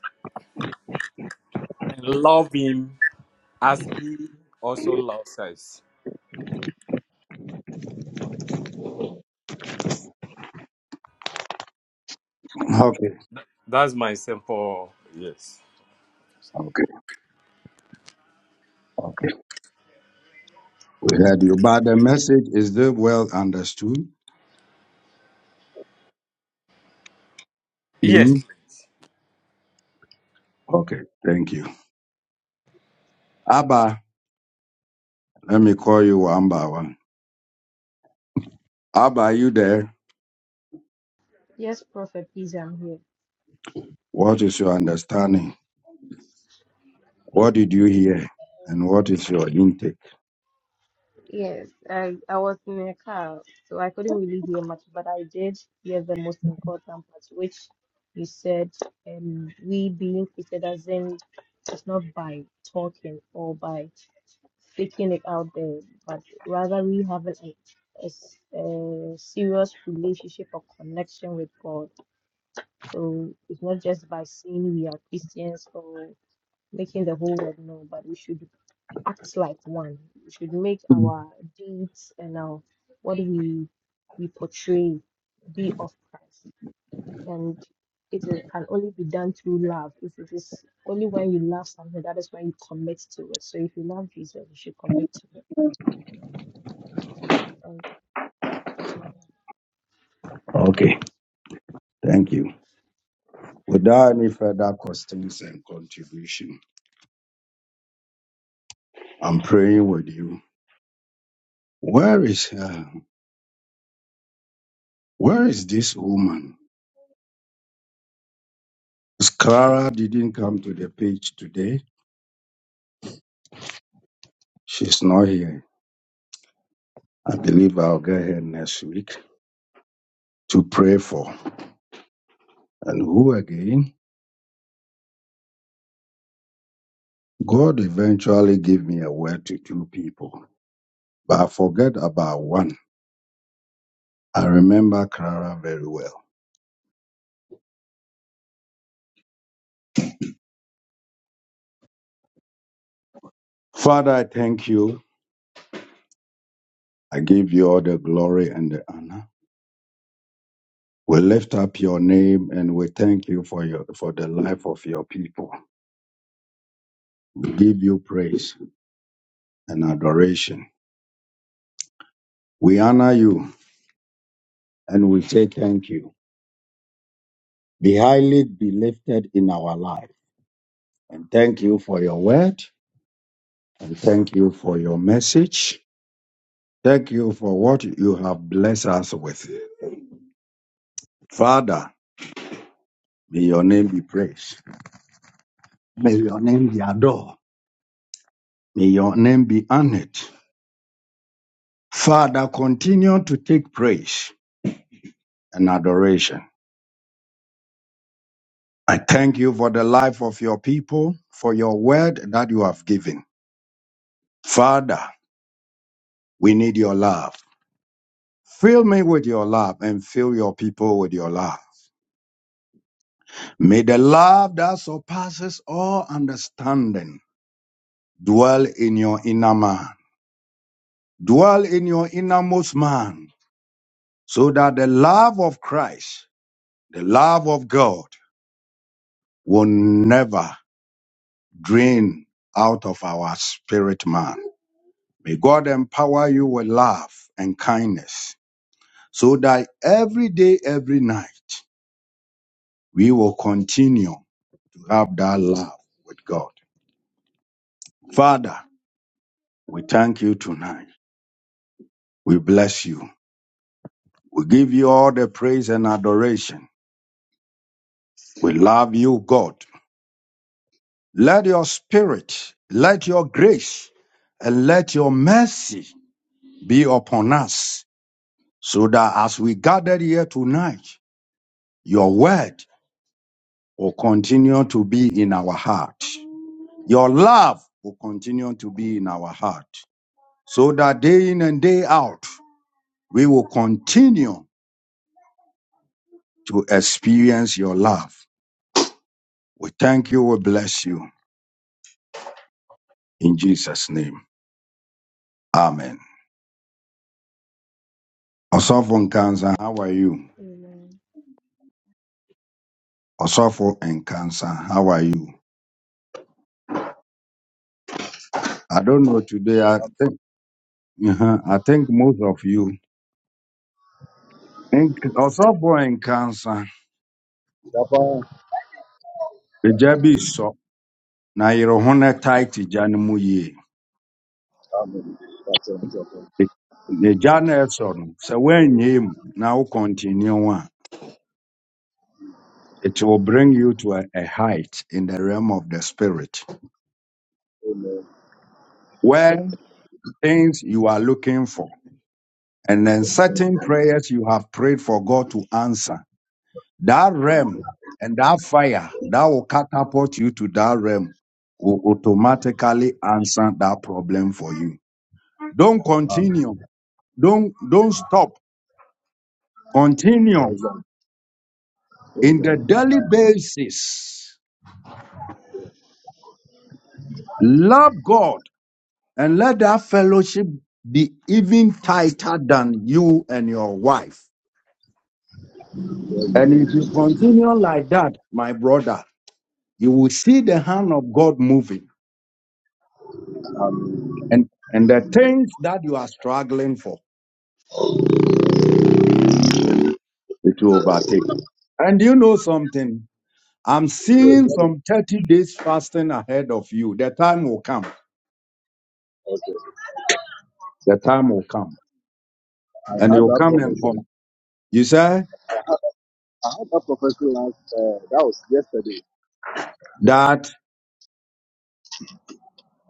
Speaker 6: and love Him as He also loves us.
Speaker 1: Okay,
Speaker 6: That's my simple yes.
Speaker 1: okay, okay. We heard you. But the message is still well understood.
Speaker 6: Yes,
Speaker 1: hmm
Speaker 6: please.
Speaker 1: Okay, thank you. Abba, let me call you one by one. Abba, are you there?
Speaker 9: Yes, Prophet, please, I'm here.
Speaker 1: What is your understanding? What did you hear? And what is your intake?
Speaker 9: Yes, I, I was in a car, so I couldn't really hear much, but I did hear the most important part, which you said, um, we being treated as in, it's not by talking or by speaking it out there, but rather we have an, a, s- a serious relationship or connection with God. So it's not just by saying we are Christians or making the whole world know, but we should act like one. We should make
Speaker 1: Mm.
Speaker 9: our deeds and our what we we portray be of Christ. And it is- can only be done through love. If it is only when you love something, that is when you commit to it. So if you love Jesus, you should commit to it. So um, that's what I
Speaker 1: Okay, thank you. Without any
Speaker 9: think.
Speaker 1: further questions and contribution, I'm praying with you. Where is uh, where is this woman? 'Cause Clara didn't come to the page today. She's not here. I believe I'll get her next week to pray for. And who again? God eventually gave me a word to two people, but I forget about one. I remember Clara very well. Father, I thank you I give you all the glory and the honor. We lift up your name and we thank you for your for the life of your people. We give you praise and adoration. We honor you and we say thank you. Be highly be lifted in our life. And thank you for your word and thank you for your message. Thank you for what you have blessed us with. Father, may your name be praised. May your name be adored. May your name be honored. Father, continue to take praise and adoration. I thank you for the life of your people, for your word that you have given. Father, we need your love. Fill me with your love and fill your people with your love. May the love that surpasses all understanding dwell in your inner man, dwell in your innermost man, so that the love of Christ, the love of God, will never drain out of our spirit man. May God empower you with love and kindness so that every day, every night, we will continue to have that love with God. Father, we thank you tonight. We bless you. We give you all the praise and adoration. We love you, God. Let your spirit, let your grace, and let your mercy be upon us so that as we gathered here tonight, Your word will continue to be in our heart. Your love will continue to be in our heart. So that day in and day out, we will continue to experience your love. We thank you, we bless you. In Jesus' name, amen. Osofo Nkansa,
Speaker 9: Amen.
Speaker 1: how are you?
Speaker 9: Amen.
Speaker 1: Osofo Nkansa, how are you? I don't know today. I think, uh I think most of you. Nk- Osofo Nkansa, the na yɛrɛ ho na tae te gya no mu yie the gya no a ɛsɔ no sɛ woanyɛ continue on, it will bring you to a, a height in the realm of the spirit where things you are looking for and then certain prayers you have prayed for god to answer that realm and that fire that will catapult you to that realm will automatically answer that problem for you don't continue don't don't stop continue in the daily basis. Love God and let that fellowship be even tighter than you and your wife. And if you continue like that, my brother, you will see the hand of God moving and, and the things that you are struggling for, it will overtake. And you know something? I'm seeing some 30 days fasting ahead of you. The time will come. The time will come. And it
Speaker 13: had
Speaker 1: will
Speaker 13: that
Speaker 1: come
Speaker 13: problem.
Speaker 1: and come. You say
Speaker 13: I had that problem. last- That was yesterday.
Speaker 1: that,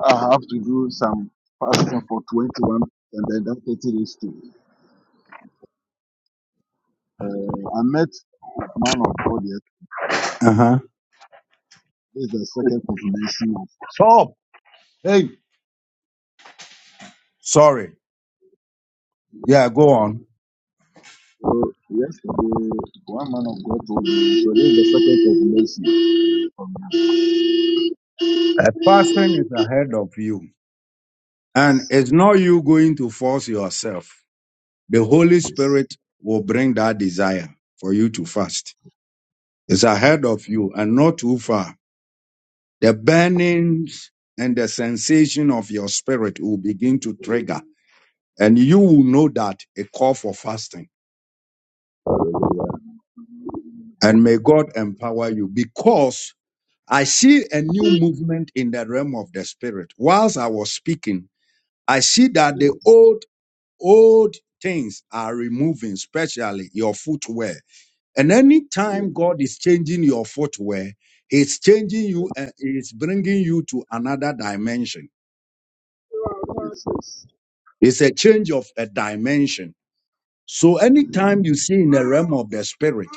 Speaker 13: I have to do some fasting for 21 and then that 30 days too. Uh, I met man of God. yes.
Speaker 1: uh
Speaker 13: This is the second confirmation of
Speaker 1: huh.
Speaker 13: fasting.
Speaker 1: Hey, sorry. Yeah, go on.
Speaker 13: So yesterday, one man of God told me, so this is the second confirmation of
Speaker 1: A person is ahead of you, and it's not you going to force yourself. The Holy
Speaker 13: this.
Speaker 1: Spirit will bring that desire for you to fast. It's ahead of you and not too far. The burnings and the sensation of your spirit will begin to trigger, and you will know that a call for fasting.
Speaker 13: Hallelujah.
Speaker 1: And may God empower you because I see a new movement in the realm of the spirit. Whilst I was speaking, I see that the old, old things are removing, especially your footwear. And anytime God is changing your footwear, He's changing you and He's bringing you to another dimension.
Speaker 13: Jesus.
Speaker 1: It's a change of a dimension. So anytime you see in the realm of the spirit,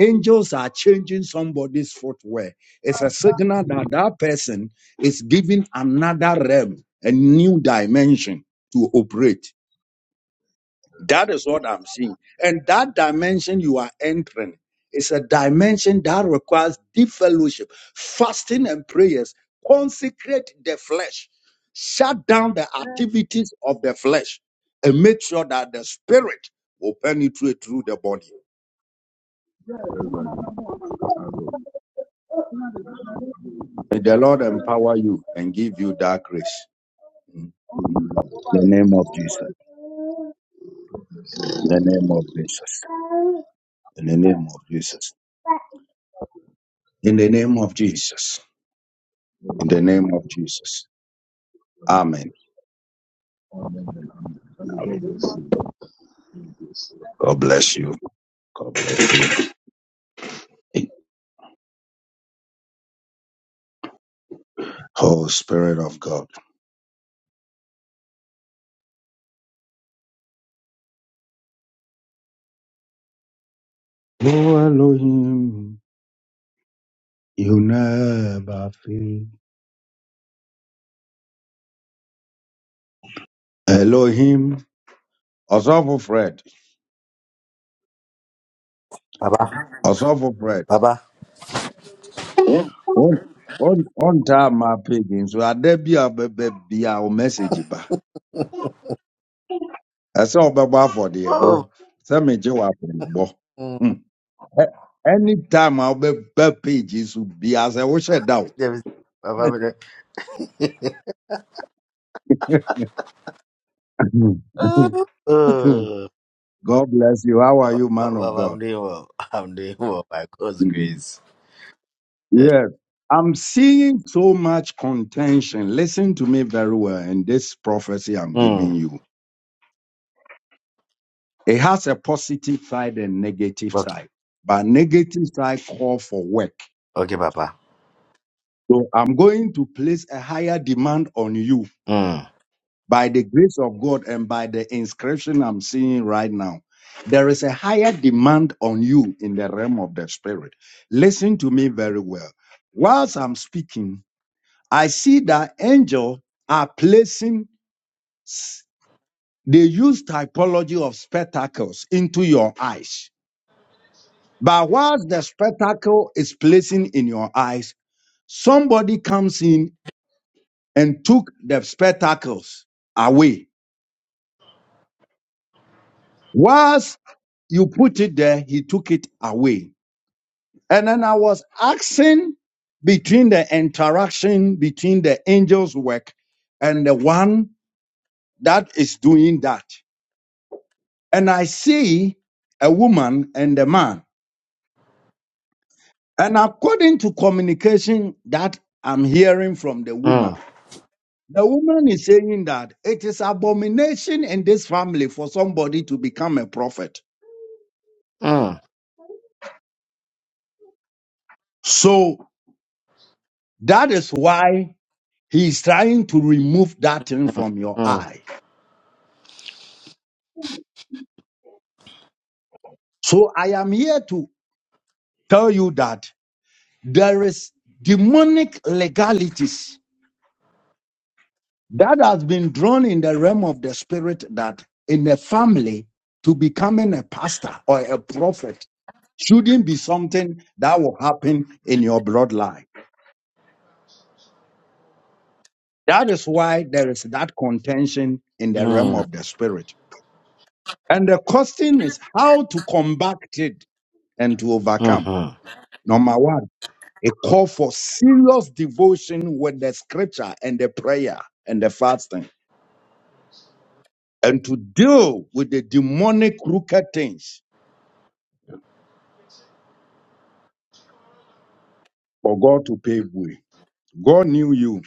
Speaker 1: angels are changing somebody's footwear. It's a signal that that person is giving another realm, a new dimension to operate. That is what I'm seeing. And that dimension you are entering is a dimension that requires deep fellowship, fasting and prayers. Consecrate the flesh, shut down the activities of the flesh, and make sure that the spirit will penetrate through the body. May the Lord empower you and give you that grace. In the name of Jesus. In the name of Jesus. In the name of Jesus. In the name of Jesus. In the name of Jesus.
Speaker 13: Amen.
Speaker 1: Amen.
Speaker 13: Amen. Amen. God God bless you.
Speaker 1: God bless you. God bless you. Oh, Spirit of God. Oh, Elohim, you never fail. Elohim, Osofo Fred,
Speaker 14: Baba,
Speaker 1: Osofo Fred.
Speaker 14: Baba.
Speaker 1: On, on, on time, my pigeons. So, I be a baby, be our message. ba. I saw Baba for the
Speaker 14: Oh,
Speaker 1: oh, some of you are bo.
Speaker 14: mm,
Speaker 1: Hmm. Eh, Anytime I'll be pages will be as I wish I down.
Speaker 14: there is- Baba,
Speaker 1: God
Speaker 14: there- oh, oh,
Speaker 1: bless you. How are you, man of
Speaker 14: Baba, I'm
Speaker 1: God?
Speaker 14: doing well. I'm doing well by God's
Speaker 1: Hmm.
Speaker 14: grace.
Speaker 1: Yeah. I'm seeing so much contention. Listen to me very well. And this prophecy I'm
Speaker 14: Mm.
Speaker 1: giving you, it has a positive side and negative
Speaker 14: Okay,
Speaker 1: side. But negative side call for work.
Speaker 14: okay, Papa.
Speaker 1: So I'm going to place a higher demand on you
Speaker 14: Mm.
Speaker 1: by the grace of God and by the inscription I'm seeing right now. There is a higher demand on you in the realm of the spirit. Listen to me very well. Whilst I'm speaking, I see that angels are placing s- they use typology of spectacles into your eyes. But whilst the spectacle is placing in your eyes, somebody comes in and took the spectacles away. Whilst you put it there, he took it away. And then I was asking between the interaction between the angel's work and the one that is doing that. And I see a woman and a man. And according to communication that I'm hearing from the woman,
Speaker 14: Mm.
Speaker 1: the woman is saying that it is abomination in this family for somebody to become a prophet.
Speaker 14: Mm.
Speaker 1: So that is why he is trying to remove that thing from your
Speaker 14: Mm.
Speaker 1: eye. So I am here to tell you that there is demonic legalities that has been drawn in the realm of the spirit that in a family to becoming a pastor or a prophet shouldn't be something that will happen in your bloodline. That is why there is that contention in the realm
Speaker 14: Mm.
Speaker 1: of the spirit. And the question is how to combat it and to overcome.
Speaker 14: Mm.
Speaker 1: Number one, a call for serious devotion with the scripture and the prayer and the fasting, and to deal with the demonic crooked things for God to pave way. God knew you,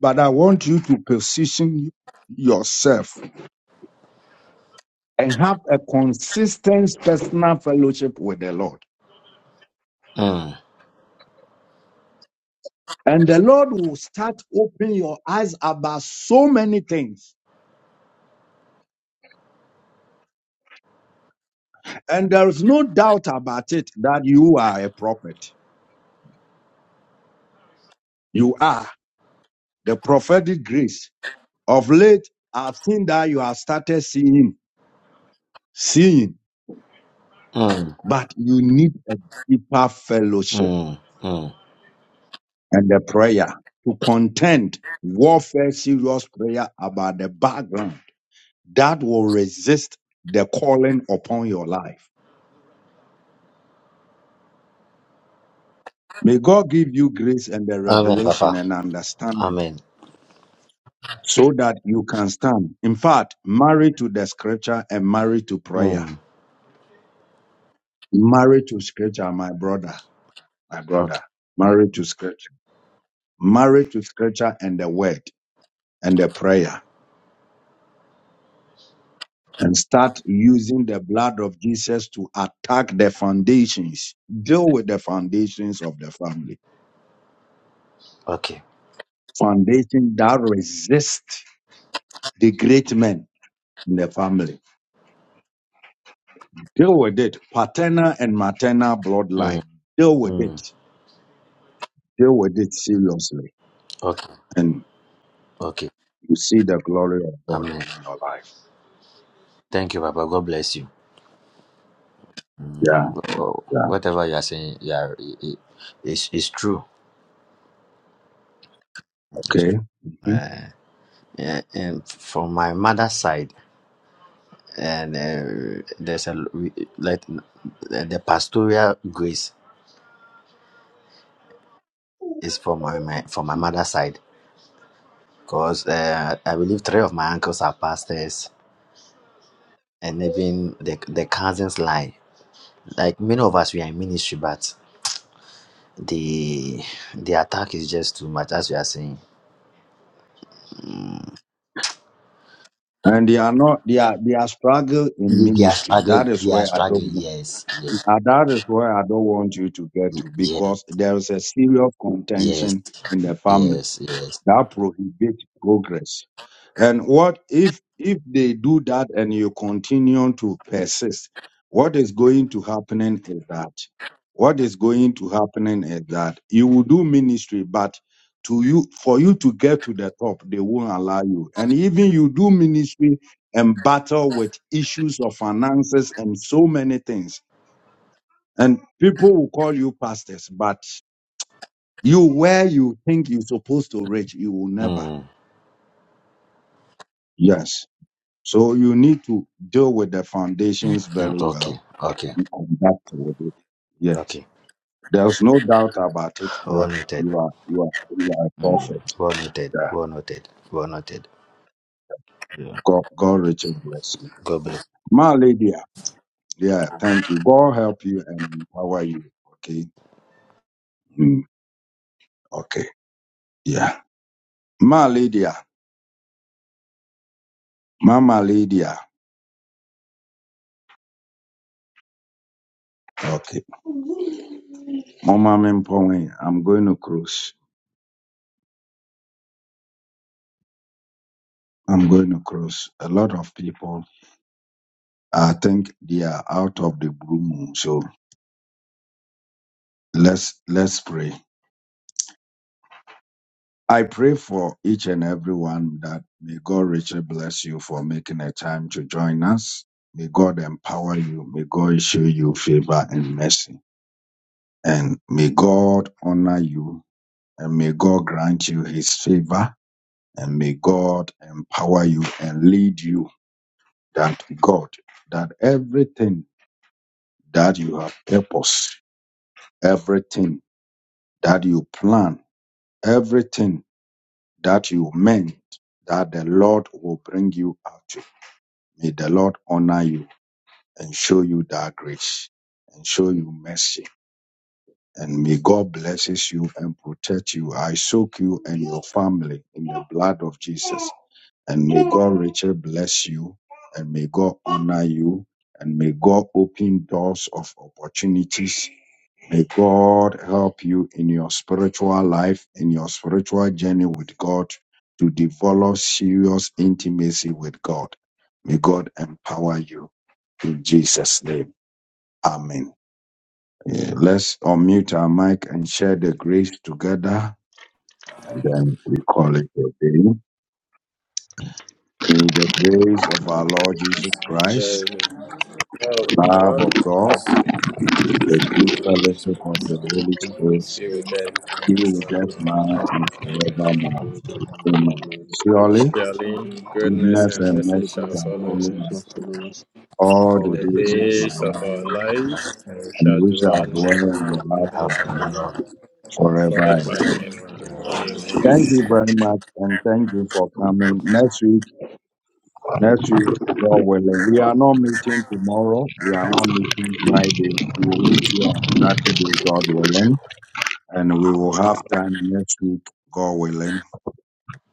Speaker 1: but I want you to position yourself and have a consistent personal fellowship with the Lord.
Speaker 14: Mm.
Speaker 1: And the Lord will start opening your eyes about so many things. And there is no doubt about it that you are a prophet. You are the prophetic grace. Of late, I've seen that you have started seeing, seeing,
Speaker 14: Mm.
Speaker 1: but you need a deeper fellowship
Speaker 14: Mm. Mm.
Speaker 1: and a prayer to contend warfare, serious prayer about the background that will resist the calling upon your life. May God give you grace and the
Speaker 14: Amen,
Speaker 1: revelation
Speaker 14: Papa.
Speaker 1: and understanding
Speaker 14: Amen.
Speaker 1: so that you can stand. In fact, married to the scripture and married to prayer.
Speaker 14: Mm.
Speaker 1: Married to scripture, my brother, my brother.
Speaker 14: Okay.
Speaker 1: Married to scripture. Married to scripture and the word and the prayer. And start using the blood of Jesus to attack the foundations. Deal with the foundations of the family.
Speaker 14: Okay.
Speaker 1: Foundation that resist the great men in the family. Deal with it. Paternal and maternal
Speaker 14: Mm.
Speaker 1: bloodline. Deal with
Speaker 14: Mm.
Speaker 1: it. Deal with it seriously.
Speaker 14: Okay.
Speaker 1: And
Speaker 14: Okay.
Speaker 1: you see the glory of God
Speaker 14: Amen.
Speaker 1: in your life.
Speaker 14: Thank you, Papa. God bless you.
Speaker 1: Yeah,
Speaker 14: Well,
Speaker 1: yeah.
Speaker 14: whatever you are saying, yeah, it, it, it's, it's true. It's true.
Speaker 1: Okay. Mhm.
Speaker 14: Uh, yeah, and from my mother's side, and uh, there's a we- like the the pastoral grace is from my, my from my mother's side because uh, I believe three of my uncles are pastors, and even the the cousins lie. Like many of us, we are in ministry, but the the attack is just too much, as we are saying.
Speaker 1: And they are not they are they are struggling in
Speaker 14: They are
Speaker 1: ministry.
Speaker 14: struggling.
Speaker 1: That is
Speaker 14: They are
Speaker 1: where I don't
Speaker 14: struggling.
Speaker 1: want
Speaker 14: Yes, yes,
Speaker 1: uh, that is where I don't want you to get to
Speaker 14: yes.
Speaker 1: because there is a serious
Speaker 14: Yes,
Speaker 1: contention in the family
Speaker 14: yes, yes.
Speaker 1: That prohibits progress. And what if if they do that and you continue to persist, what is going to happening is that what is going to happening is that you will do ministry, but to you for you to get to the top, they won't allow you. And even you do ministry and battle with issues of finances and so many things. And people will call you pastors, but you where you think you're supposed to reach, you will never.
Speaker 14: Mm,
Speaker 1: Yes. So you need to deal with the foundations
Speaker 14: mm,
Speaker 1: very
Speaker 14: okay,
Speaker 1: well
Speaker 14: okay,
Speaker 1: and conduct with it. Yet
Speaker 14: okay.
Speaker 1: there's no doubt about it that
Speaker 14: Well noted.
Speaker 1: you are you are you are a
Speaker 14: Mm,
Speaker 1: prophet.
Speaker 14: well noted.
Speaker 1: Yeah.
Speaker 14: Well noted. Well noted. Yeah.
Speaker 1: God, God richly bless you.
Speaker 14: God bless.
Speaker 1: My lady, yeah, thank you. God help you and empower you? Okay. Mm, okay. Yeah. My lady, Mama Lydia. Okay. Mama Mimpoe, I'm going to cruise. I'm going to cruise. A lot of people, I think they are out of the blue moon. So Let's let's pray. I pray for each and every one that may God richly bless you for making a time to join us. May God empower you. May God show you favor and mercy. And may God honor you. And may God grant you his favor. And may God empower you and lead you that God, that everything that you have purpose, everything that you plan, everything that you meant that the Lord will bring you out to. May the Lord honor you and show you that grace and show you mercy. And may God blesses you and protect you. I soak you and your family in the blood of Jesus. And may God richly bless you and may God honor you and may God open doors of opportunities May God help you in your spiritual life, in your spiritual journey with God, to develop serious intimacy with God. May God empower you in Jesus' name. Amen. Yeah, let's unmute our mic and share the grace together, and then we call it a day. In the grace of our
Speaker 9: May the
Speaker 1: Lord
Speaker 9: grace of
Speaker 1: Jesus
Speaker 9: our Lord
Speaker 6: There
Speaker 1: Christ,
Speaker 2: Jesus,
Speaker 9: Jesus
Speaker 6: is a
Speaker 9: Christ,
Speaker 6: power of
Speaker 1: love
Speaker 9: the
Speaker 1: of
Speaker 6: God
Speaker 9: love
Speaker 2: in
Speaker 6: and
Speaker 2: the
Speaker 9: of
Speaker 6: the
Speaker 1: God,
Speaker 2: name of
Speaker 6: sweet
Speaker 9: God,
Speaker 1: the
Speaker 6: fellowship of
Speaker 1: sweet
Speaker 6: the
Speaker 9: and
Speaker 6: Holy
Speaker 9: the
Speaker 2: Jesus, we
Speaker 1: fellowship
Speaker 9: sweet
Speaker 1: of
Speaker 2: thank
Speaker 1: the
Speaker 6: Spirit.
Speaker 2: you
Speaker 9: fellowship
Speaker 1: Holy
Speaker 9: of
Speaker 2: for the
Speaker 9: the
Speaker 2: Holy
Speaker 1: Spirit,
Speaker 9: Holy
Speaker 6: Be with
Speaker 2: Spirit,
Speaker 9: Spirit
Speaker 6: them on
Speaker 1: be
Speaker 6: and
Speaker 1: with
Speaker 2: give
Speaker 9: be
Speaker 1: us
Speaker 9: with
Speaker 6: forever.
Speaker 1: now
Speaker 9: us now
Speaker 1: and
Speaker 9: and
Speaker 6: Amen.
Speaker 1: forevermore.
Speaker 9: forever.
Speaker 2: us
Speaker 1: Amen.
Speaker 9: Amen.
Speaker 2: now,
Speaker 1: Surely
Speaker 6: Surely
Speaker 11: surely
Speaker 6: goodness
Speaker 1: goodness
Speaker 9: Witness
Speaker 6: and
Speaker 9: a
Speaker 1: and
Speaker 6: mercy
Speaker 1: mercy
Speaker 6: shall
Speaker 9: revolution
Speaker 1: shall
Speaker 6: follow
Speaker 1: follow
Speaker 9: for
Speaker 1: us
Speaker 6: us
Speaker 1: all
Speaker 6: for
Speaker 1: the
Speaker 6: the
Speaker 1: days of
Speaker 9: through the
Speaker 1: our
Speaker 6: days
Speaker 9: days
Speaker 6: of
Speaker 9: of
Speaker 1: life,
Speaker 6: our
Speaker 9: our
Speaker 6: life, and we
Speaker 1: and
Speaker 6: shall
Speaker 1: we
Speaker 6: dwell
Speaker 1: shall
Speaker 6: in the
Speaker 9: ancient
Speaker 1: dwell in
Speaker 6: house
Speaker 1: the house
Speaker 6: of
Speaker 9: glory,
Speaker 6: the
Speaker 9: the
Speaker 1: of the Lord
Speaker 6: Lord
Speaker 9: nation of the Lord,
Speaker 1: forever.
Speaker 6: forever and
Speaker 9: forever
Speaker 6: ever.
Speaker 9: and ever.
Speaker 1: Thank
Speaker 6: Amen.
Speaker 1: you very much, and thank you for coming. Next week, next week, God willing, we are not meeting tomorrow. We are not meeting Friday. We will meet you on Saturday, God willing, and we will have time next week, God willing,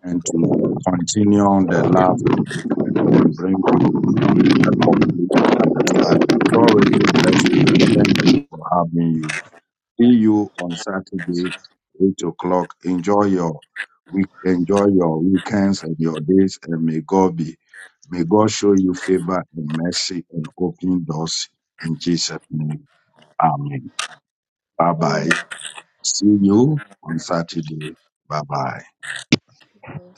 Speaker 1: and to continue on the love topic, and then bring you. a complete understanding. God, Rachel, bless you and thank you for having you. See you on Saturday, 8 o'clock. Enjoy your week, enjoy your weekends and your days, and may God be, may God show you favor and mercy and open doors in Jesus' name. Amen. Bye bye.
Speaker 9: Amen.
Speaker 1: See you
Speaker 9: Amen.
Speaker 1: on Saturday. Bye bye.
Speaker 9: Amen.